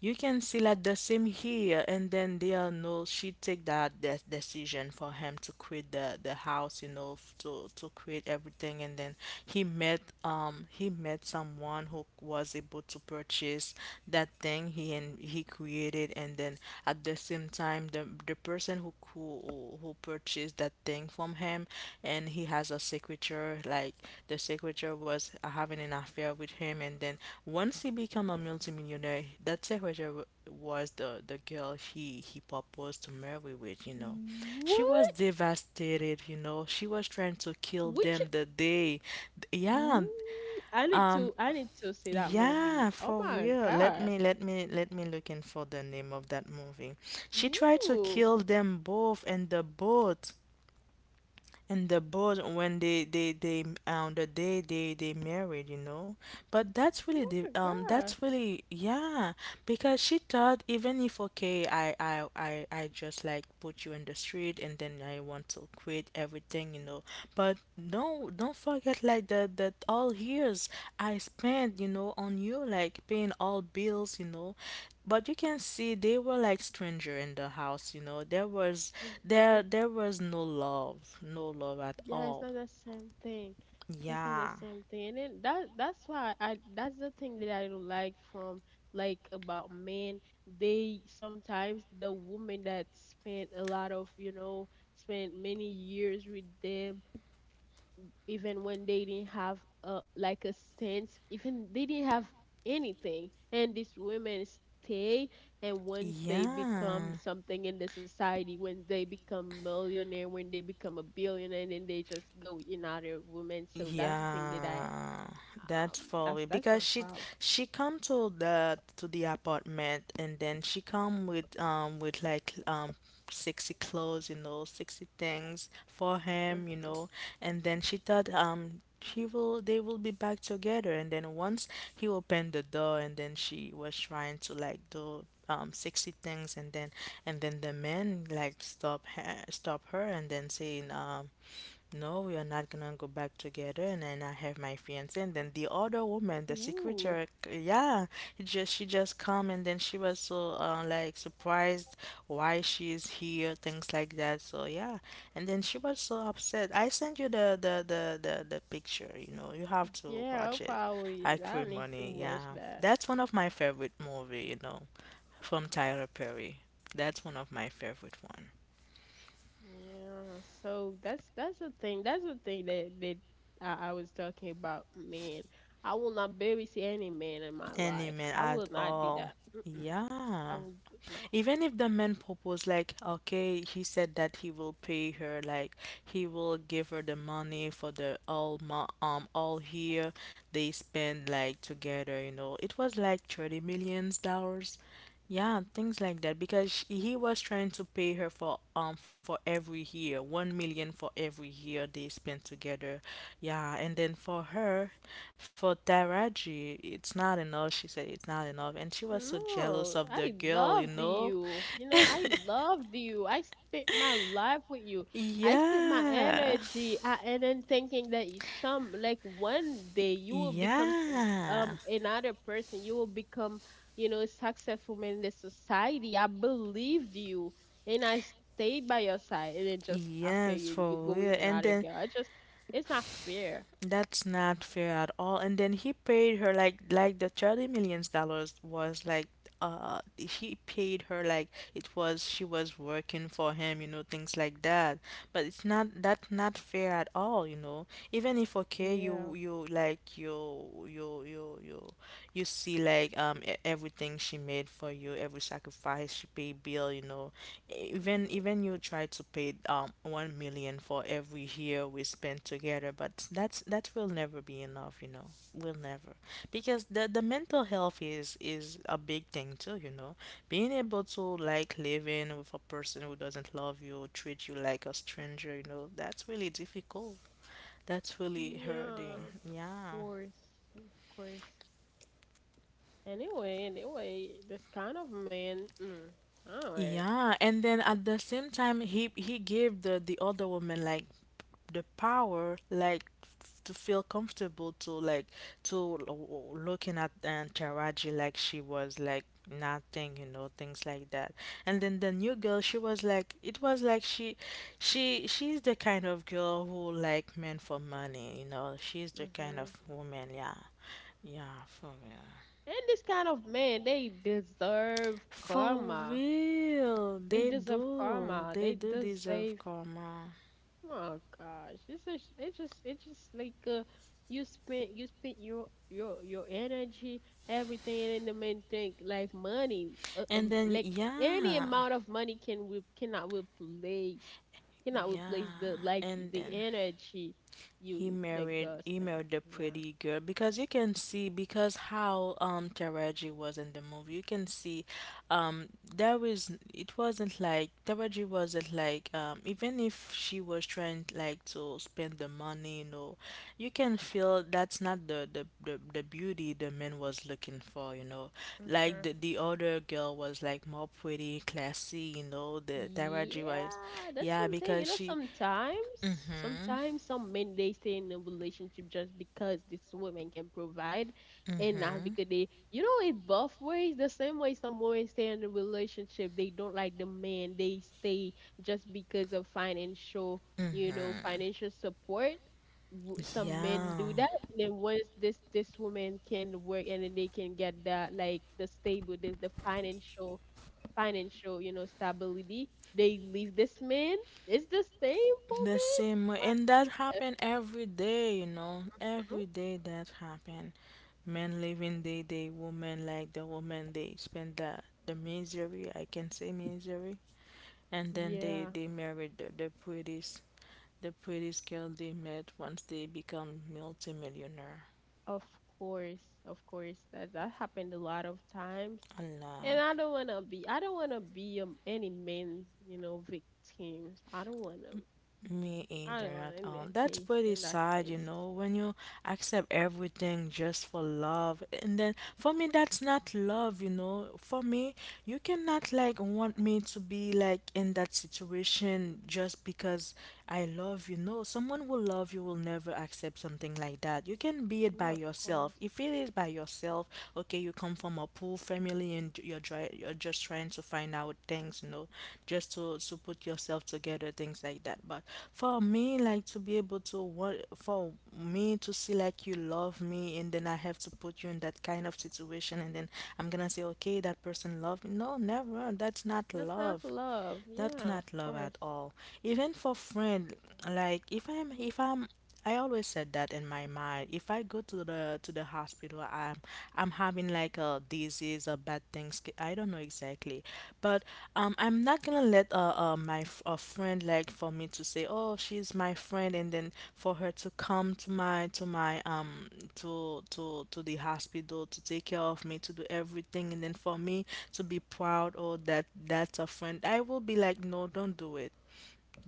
S2: you can see like the same here, and then they are no. She take that de decision for him to quit the house, you know, to quit everything, and then he met someone who was able to purchase that thing he and he created, and then at the same time, the person who purchased that thing from him and he has a secretary like the secretary was having an affair with him and then once he became a multimillionaire that secretary was the girl he proposed to marry with you know she was
S1: What?
S2: devastated you know she was trying to kill
S1: Which?
S2: them the day yeah
S1: Ooh, I need to see that movie.
S2: yeah,
S1: Oh
S2: for
S1: my
S2: real. Let
S1: gosh.
S2: me let me let me look in for the name of that movie. She
S1: Ooh.
S2: tried to
S1: Oh
S2: kill them both in the boat and the board when the day they married, but that's really the
S1: my gosh.
S2: that's really yeah because she thought, even if okay I just like put you in the street and then I want to quit everything, you know. But no, don't forget like that all years I spent, you know, on you, like paying all bills, you know. But you can see they were like stranger in the house, you know. There was there
S1: Mhm.
S2: there was no love, no love at
S1: Yeah, it's
S2: all.
S1: not the same thing. It's not the
S2: Yeah.
S1: same thing. And then that's why I that's the thing that I don't like from like about men. They sometimes, the woman that spent a lot of, you know, spent many years with them, even when they didn't have a sense, even they didn't have anything. And these women stay, and once they become
S2: Yeah.
S1: something in the society, when they become millionaire, when they become a billionaire, then they just go in other women. So that's the thing that
S2: Yeah,
S1: um,
S2: that's for it
S1: that's
S2: Because
S1: my
S2: she
S1: problem.
S2: she come to the apartment, and then she come with like sexy clothes, you know, sexy things for him, you know. And then she thought he will they will be back together, and then once he opened the door and then she was trying to like do sexy things. And then and then the man like stop her and then saying, no, we are not gonna go back together. And then I have my fiance, and then the other woman, the
S1: Hmm. Ooh,
S2: secretary. Yeah, he just she just come, and then she was so like surprised why she's here, things like that. So yeah, and then she was so upset. I sent you the picture. You know, you have to
S1: yeah, I'll
S2: watch it.
S1: probably,
S2: I
S1: I
S2: Crave
S1: need to
S2: Money.
S1: watch
S2: Yeah,
S1: that.
S2: that's one of my favorite movie. You know, from Tyler Perry. That's one of my favorite one.
S1: Yeah, so that's the thing. That's the thing that I was talking about. Man, I will not babysit any man in my life.
S2: Anime
S1: I
S2: at
S1: will not do
S2: all.
S1: that. Mm-mm. I
S2: Yeah.
S1: will do, no.
S2: Even if the man proposed, like, okay, he said that he will pay her, like, he will give her the money for the all all year they spend like together, you know. It was like 30 millions dollars. Yeah, things like that. Because sh he was trying to pay her for every year, 1 million for every year they spent together. Yeah, and then for her, for Taraji, it's not enough. She said it's not enough, and she was so jealous
S1: No,
S2: of the
S1: I
S2: girl, you
S1: loved
S2: know?
S1: you. You know, I loved you. I spent my life with you. I spent my
S2: Yeah.
S1: energy. I And then thinking that you- some like one day you will become
S2: Yeah.
S1: another person. You will become, you know, successful in the society. I believed you, and I stayed by your side. And then just after,
S2: Yes,
S1: you
S2: for
S1: go
S2: real.
S1: with
S2: And
S1: another
S2: then
S1: girl. It's not fair.
S2: that's not fair at all. And then he paid her like the 30 millions dollars was like he paid her like, it was she was working for him, you know, things like that. But it's not, that's not fair at all, you know. Even if okay you
S1: Yeah.
S2: you like you you see like everything she made for you, every sacrifice, she pay bill, you know. E- even
S1: Mhm.
S2: even you try to pay 1 million for every year we spend together, but that's that will never be enough, you know. Will never. Because the mental health is a big thing too, you know. Being able to like living with a person who doesn't love you, treat you like a stranger, you know, that's really difficult. That's really hurting.
S1: Yeah, of
S2: Yeah.
S1: course, of course. Anyway, anyway, this kind of man, mm, anyway.
S2: Yeah, and then at the same time he gave the other woman like the power, like to feel comfortable, to like to looking at and Taraji like she was like nothing, you know, things like that. And then the new girl, she was like, it was like she she's the kind of girl who like men for money, you know. She's the kind
S1: Hmm.
S2: of woman. Yeah. Yeah, for real.
S1: And this kind of man, they deserve
S2: For
S1: karma.
S2: real
S1: They
S2: they
S1: deserve
S2: do,
S1: karma.
S2: they
S1: They
S2: do deserve
S1: deserve.
S2: karma.
S1: Oh gosh, it's just like you spent your energy, everything, and the main thing like money,
S2: And then
S1: like any
S2: yeah.
S1: amount of money can we cannot replace cannot replace the
S2: Yeah,
S1: like
S2: and
S1: the
S2: then
S1: energy
S2: he
S1: you that
S2: married
S1: God
S2: he
S1: sent.
S2: married a
S1: Yeah.
S2: pretty girl. Because you can see because how Taraji was in the movie, you can see um there was it wasn't like Taraji wasn't like even if she was trying like to spend the money, you know, you can feel that's not the beauty the man was looking for, you know. Like
S1: Mm-hmm.
S2: the other girl was like more pretty classy, you know. The Taraji was
S1: Yeah, that's
S2: yeah
S1: something. You
S2: because
S1: know,
S2: she.
S1: sometimes, sometimes some men, they stay in a relationship just because this woman can provide, and not because they, you know, it both ways. The same way, some women stay in a relationship, they don't like the man. They stay just because of financial, you know, financial support. W- Some men
S2: Yeah.
S1: do that, and then once this woman can work, and then they can get that like the stable, the financial financial, you know, stability. They leave this man. It's the same for
S2: The
S1: men.
S2: same way,
S1: Like,
S2: and that happen every day, you know,
S1: huh?
S2: every day that happen. Men living day day, women like the woman they spend the misery, I can say misery, and then they
S1: Yeah,
S2: they married the prettiest, the prettiest girl they met once they become multimillionaire.
S1: of course, of course. That that happened a lot of times.
S2: Allah,
S1: And I don't wanna be. I don't wanna be any men, you know, victims. I don't wanna.
S2: me
S1: I
S2: either
S1: don't
S2: at
S1: wanna in
S2: all.
S1: that
S2: That's
S1: case.
S2: pretty
S1: In that
S2: sad, you
S1: case,
S2: know, when you accept everything just for love. And then for me, that's not love, you know. For me, you cannot like want me to be like in that situation just because I love you. No, someone will love you will never accept something like that. You can be it by
S1: yeah, of
S2: yourself.
S1: course.
S2: If it is by yourself, okay, you come from a poor family and you're just trying to find out things, you know, just to put yourself together, things like that. But for me, like to be able to what for me to see like you love me, and then I have to put you in that kind of situation, and then I'm gonna say, okay, that person loved me. No, never. That's not
S1: That's not
S2: love.
S1: love.
S2: That's
S1: Yeah, of
S2: not love at
S1: course.
S2: all. Even for friend, like if I'm I always said that in my mind. If I go to the hospital, I'm having like a disease or bad things. I don't know exactly, but I'm not gonna let from my a friend, like, for me to say, oh, she's my friend, and then for her to come to my to my to to the hospital, to take care of me, to do everything, and then for me to be proud, oh that that's a friend, I will be like no, don't do it,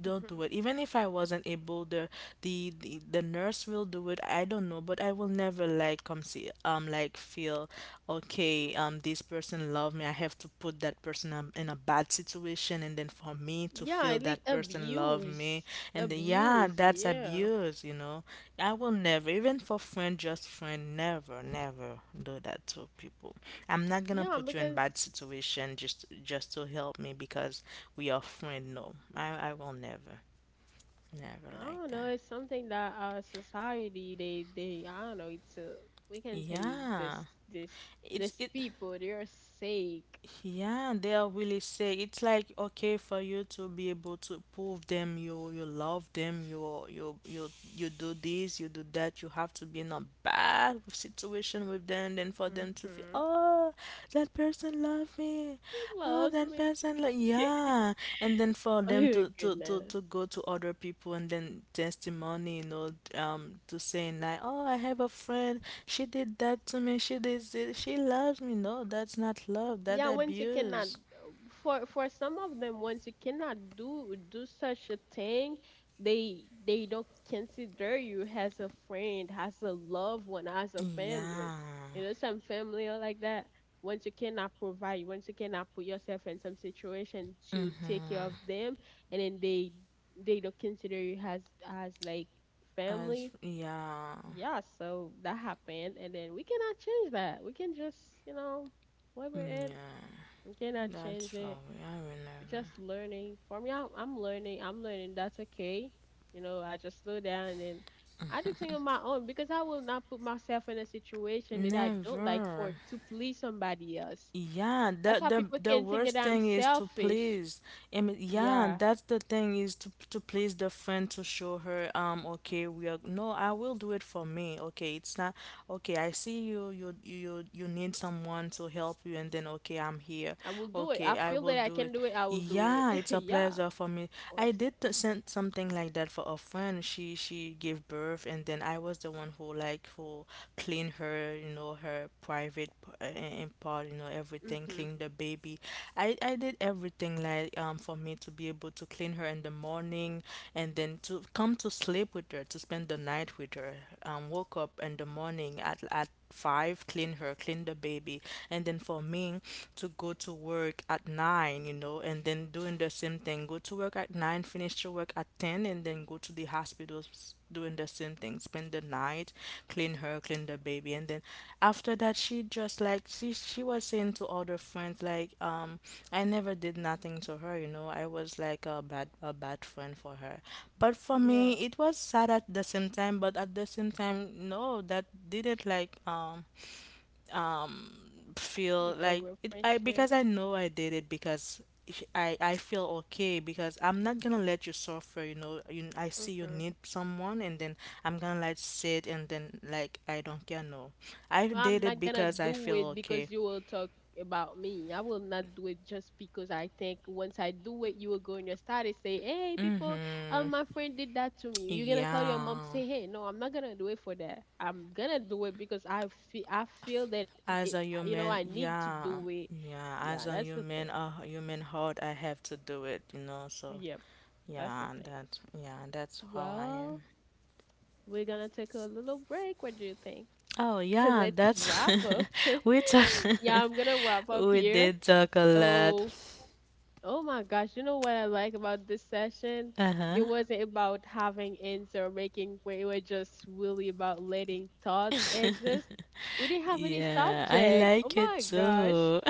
S2: don't do
S1: Mhm.
S2: it. Even if I wasn't able, the nurse will do it. I don't know, but I will never like come see like feel okay. This person love me, I have to put that person in a bad situation, and then for me to
S1: Yeah, I
S2: feel
S1: like
S2: that person love me,
S1: abuse.
S2: and then yeah,
S1: Abuse,
S2: that's
S1: yeah.
S2: abuse, you know. I will never, even for friend, just friend, never never do that to people. I'm not gonna
S1: Yeah,
S2: put you in
S1: because
S2: bad situation just to help me, because we are friend. No, I will never, never
S1: I
S2: like
S1: don't
S2: that.
S1: know. It's something that our society, they, I don't know. It's a, we can say
S2: Yeah,
S1: this
S2: it's
S1: this
S2: it.
S1: people, they're sick.
S2: Yeah, they'll really say it's like okay, for you to be able to prove them you love them, you you do this, you do that, you have to be in a bad situation with them, then for them to feel,
S1: Mm-hmm.
S2: oh, that person love me.
S1: He
S2: Oh,
S1: loves
S2: that
S1: me. (laughs)
S2: person love yeah. And then for them
S1: Oh
S2: to,
S1: goodness.
S2: go to other people and then testimony, you know, to saying like, oh, I have a friend, she did that to me, she did this, she loves me. No, that's not love. That
S1: Yeah,
S2: that
S1: once you cannot,
S2: yes.
S1: for for some of them, once you cannot do such a thing, they don't consider you as a friend, as a loved one, as a family.
S2: Yeah.
S1: You know, some family are like that. Once you cannot provide, once you cannot put yourself in some situation to take care of them, and then they don't consider you as like
S2: As
S1: family.
S2: yeah.
S1: Yeah, so that happened, and then we cannot change that. We can just, you know. Whatever, you cannot change
S2: Much
S1: it.
S2: love. I will
S1: You're just learning. For me, I'm learning. I'm learning. That's okay. You know, I just slow down, and I do things on my own because I will not put myself in a situation that I
S2: never.
S1: don't like for
S2: Never.
S1: to please somebody else.
S2: Yeah.
S1: That's
S2: The
S1: how
S2: the
S1: people
S2: the
S1: can think that
S2: worst
S1: I'm
S2: thing is to
S1: selfish.
S2: please. I mean, yeah,
S1: Yeah,
S2: that's the thing, is to please the friend, to show her okay, we are, no, I will do it for me. Okay, it's not okay. I see you need someone to help you, and then okay, I'm here.
S1: I will do it.
S2: Okay,
S1: I
S2: I
S1: feel
S2: will
S1: that I
S2: do it.
S1: can do it. I will do it.
S2: Yeah,
S1: (laughs)
S2: it's a
S1: Yeah,
S2: pleasure for me.
S1: of
S2: I
S1: course.
S2: did send something like that for a friend. She gave birth, and then I was the one who like who cleaned her, you know, her private part, you know, everything,
S1: Mhm.
S2: clean the baby. I did everything, like for me to be able to clean her in the morning, and then to come to sleep with her, to spend the night with her. Woke up in the morning at five, clean her, clean the baby. And then for me to go to work at nine, you know, and then doing the same thing. Go to work at nine, finish your work at ten, and then go to the hospitals, doing the same thing. Spend the night, clean her, clean the baby. And then after that she just like she was saying to other friends like I never did nothing to her, you know. I was like a bad friend for her. But for me
S1: Yeah,
S2: it was sad at the same time. But at the same time, no, that didn't like feel
S1: like a
S2: like
S1: real
S2: I,
S1: friendship.
S2: because I know I did it because I feel okay, because I'm not gonna let you suffer. You know, you, I see you
S1: Mhm.
S2: need someone, and then I'm gonna like sit and then like I don't care. No, I
S1: I'm
S2: did it
S1: not gonna
S2: because I
S1: do it
S2: feel okay.
S1: because you will talk about me. I will not do it just because I think once I do it, you will go in your status say, "Hey, people, my friend did that to me." You're gonna call
S2: Yeah,
S1: your mom to say, "Hey, no, I'm not gonna do it for that. I'm gonna do it because I feel that
S2: as
S1: it,
S2: a
S1: you know,
S2: human,
S1: I need to
S2: yeah,
S1: do it."
S2: yeah, as
S1: Yeah,
S2: a
S1: that's the
S2: human,
S1: thing.
S2: a human heart, I have to do it. You know, so
S1: Yep, that's the
S2: yeah,
S1: thing.
S2: that yeah, that's how I am.
S1: Well, we're gonna take a little break. What do you think?
S2: Oh
S1: (laughs)
S2: yeah,
S1: Let's
S2: that's
S1: wrap up.
S2: (laughs) we talk.
S1: (laughs)
S2: (laughs)
S1: Yeah, I'm gonna wrap up
S2: We
S1: here.
S2: did talk a lot.
S1: So, oh my gosh, you know what I like about this session? It
S2: Uh-huh.
S1: wasn't about having answer or making point. It was just really about letting thoughts exist. We didn't have any
S2: Yeah, I
S1: subject. Oh
S2: like it
S1: my gosh.
S2: too.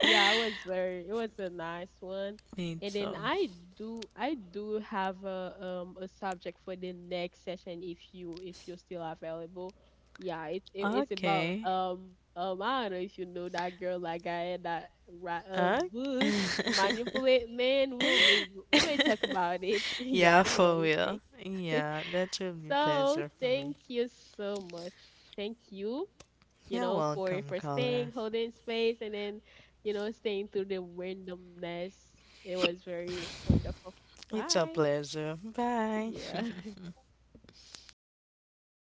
S1: Yeah, it was very, it was a nice one.
S2: (laughs) Me
S1: And
S2: too.
S1: then I do have a subject for the next session if you if you're still available. Yeah, it, it's about
S2: Okay.
S1: I don't know if you know that girl, like I had that write a
S2: Uh,
S1: book
S2: (laughs)
S1: to manipulate men. We'll may we may talk about it. (laughs) Yeah, I
S2: yeah,
S1: don't know what
S2: for
S1: you
S2: real.
S1: think. (laughs)
S2: Yeah, that will be
S1: So
S2: pleasant for me.
S1: thank you so much. Thank you, you
S2: You're
S1: know,
S2: welcome,
S1: for
S2: caller.
S1: staying, holding space, and then, you know, staying through the randomness. It was very wonderful.
S2: It's a
S1: Bye.
S2: pleasure. Bye.
S1: Yeah. (laughs)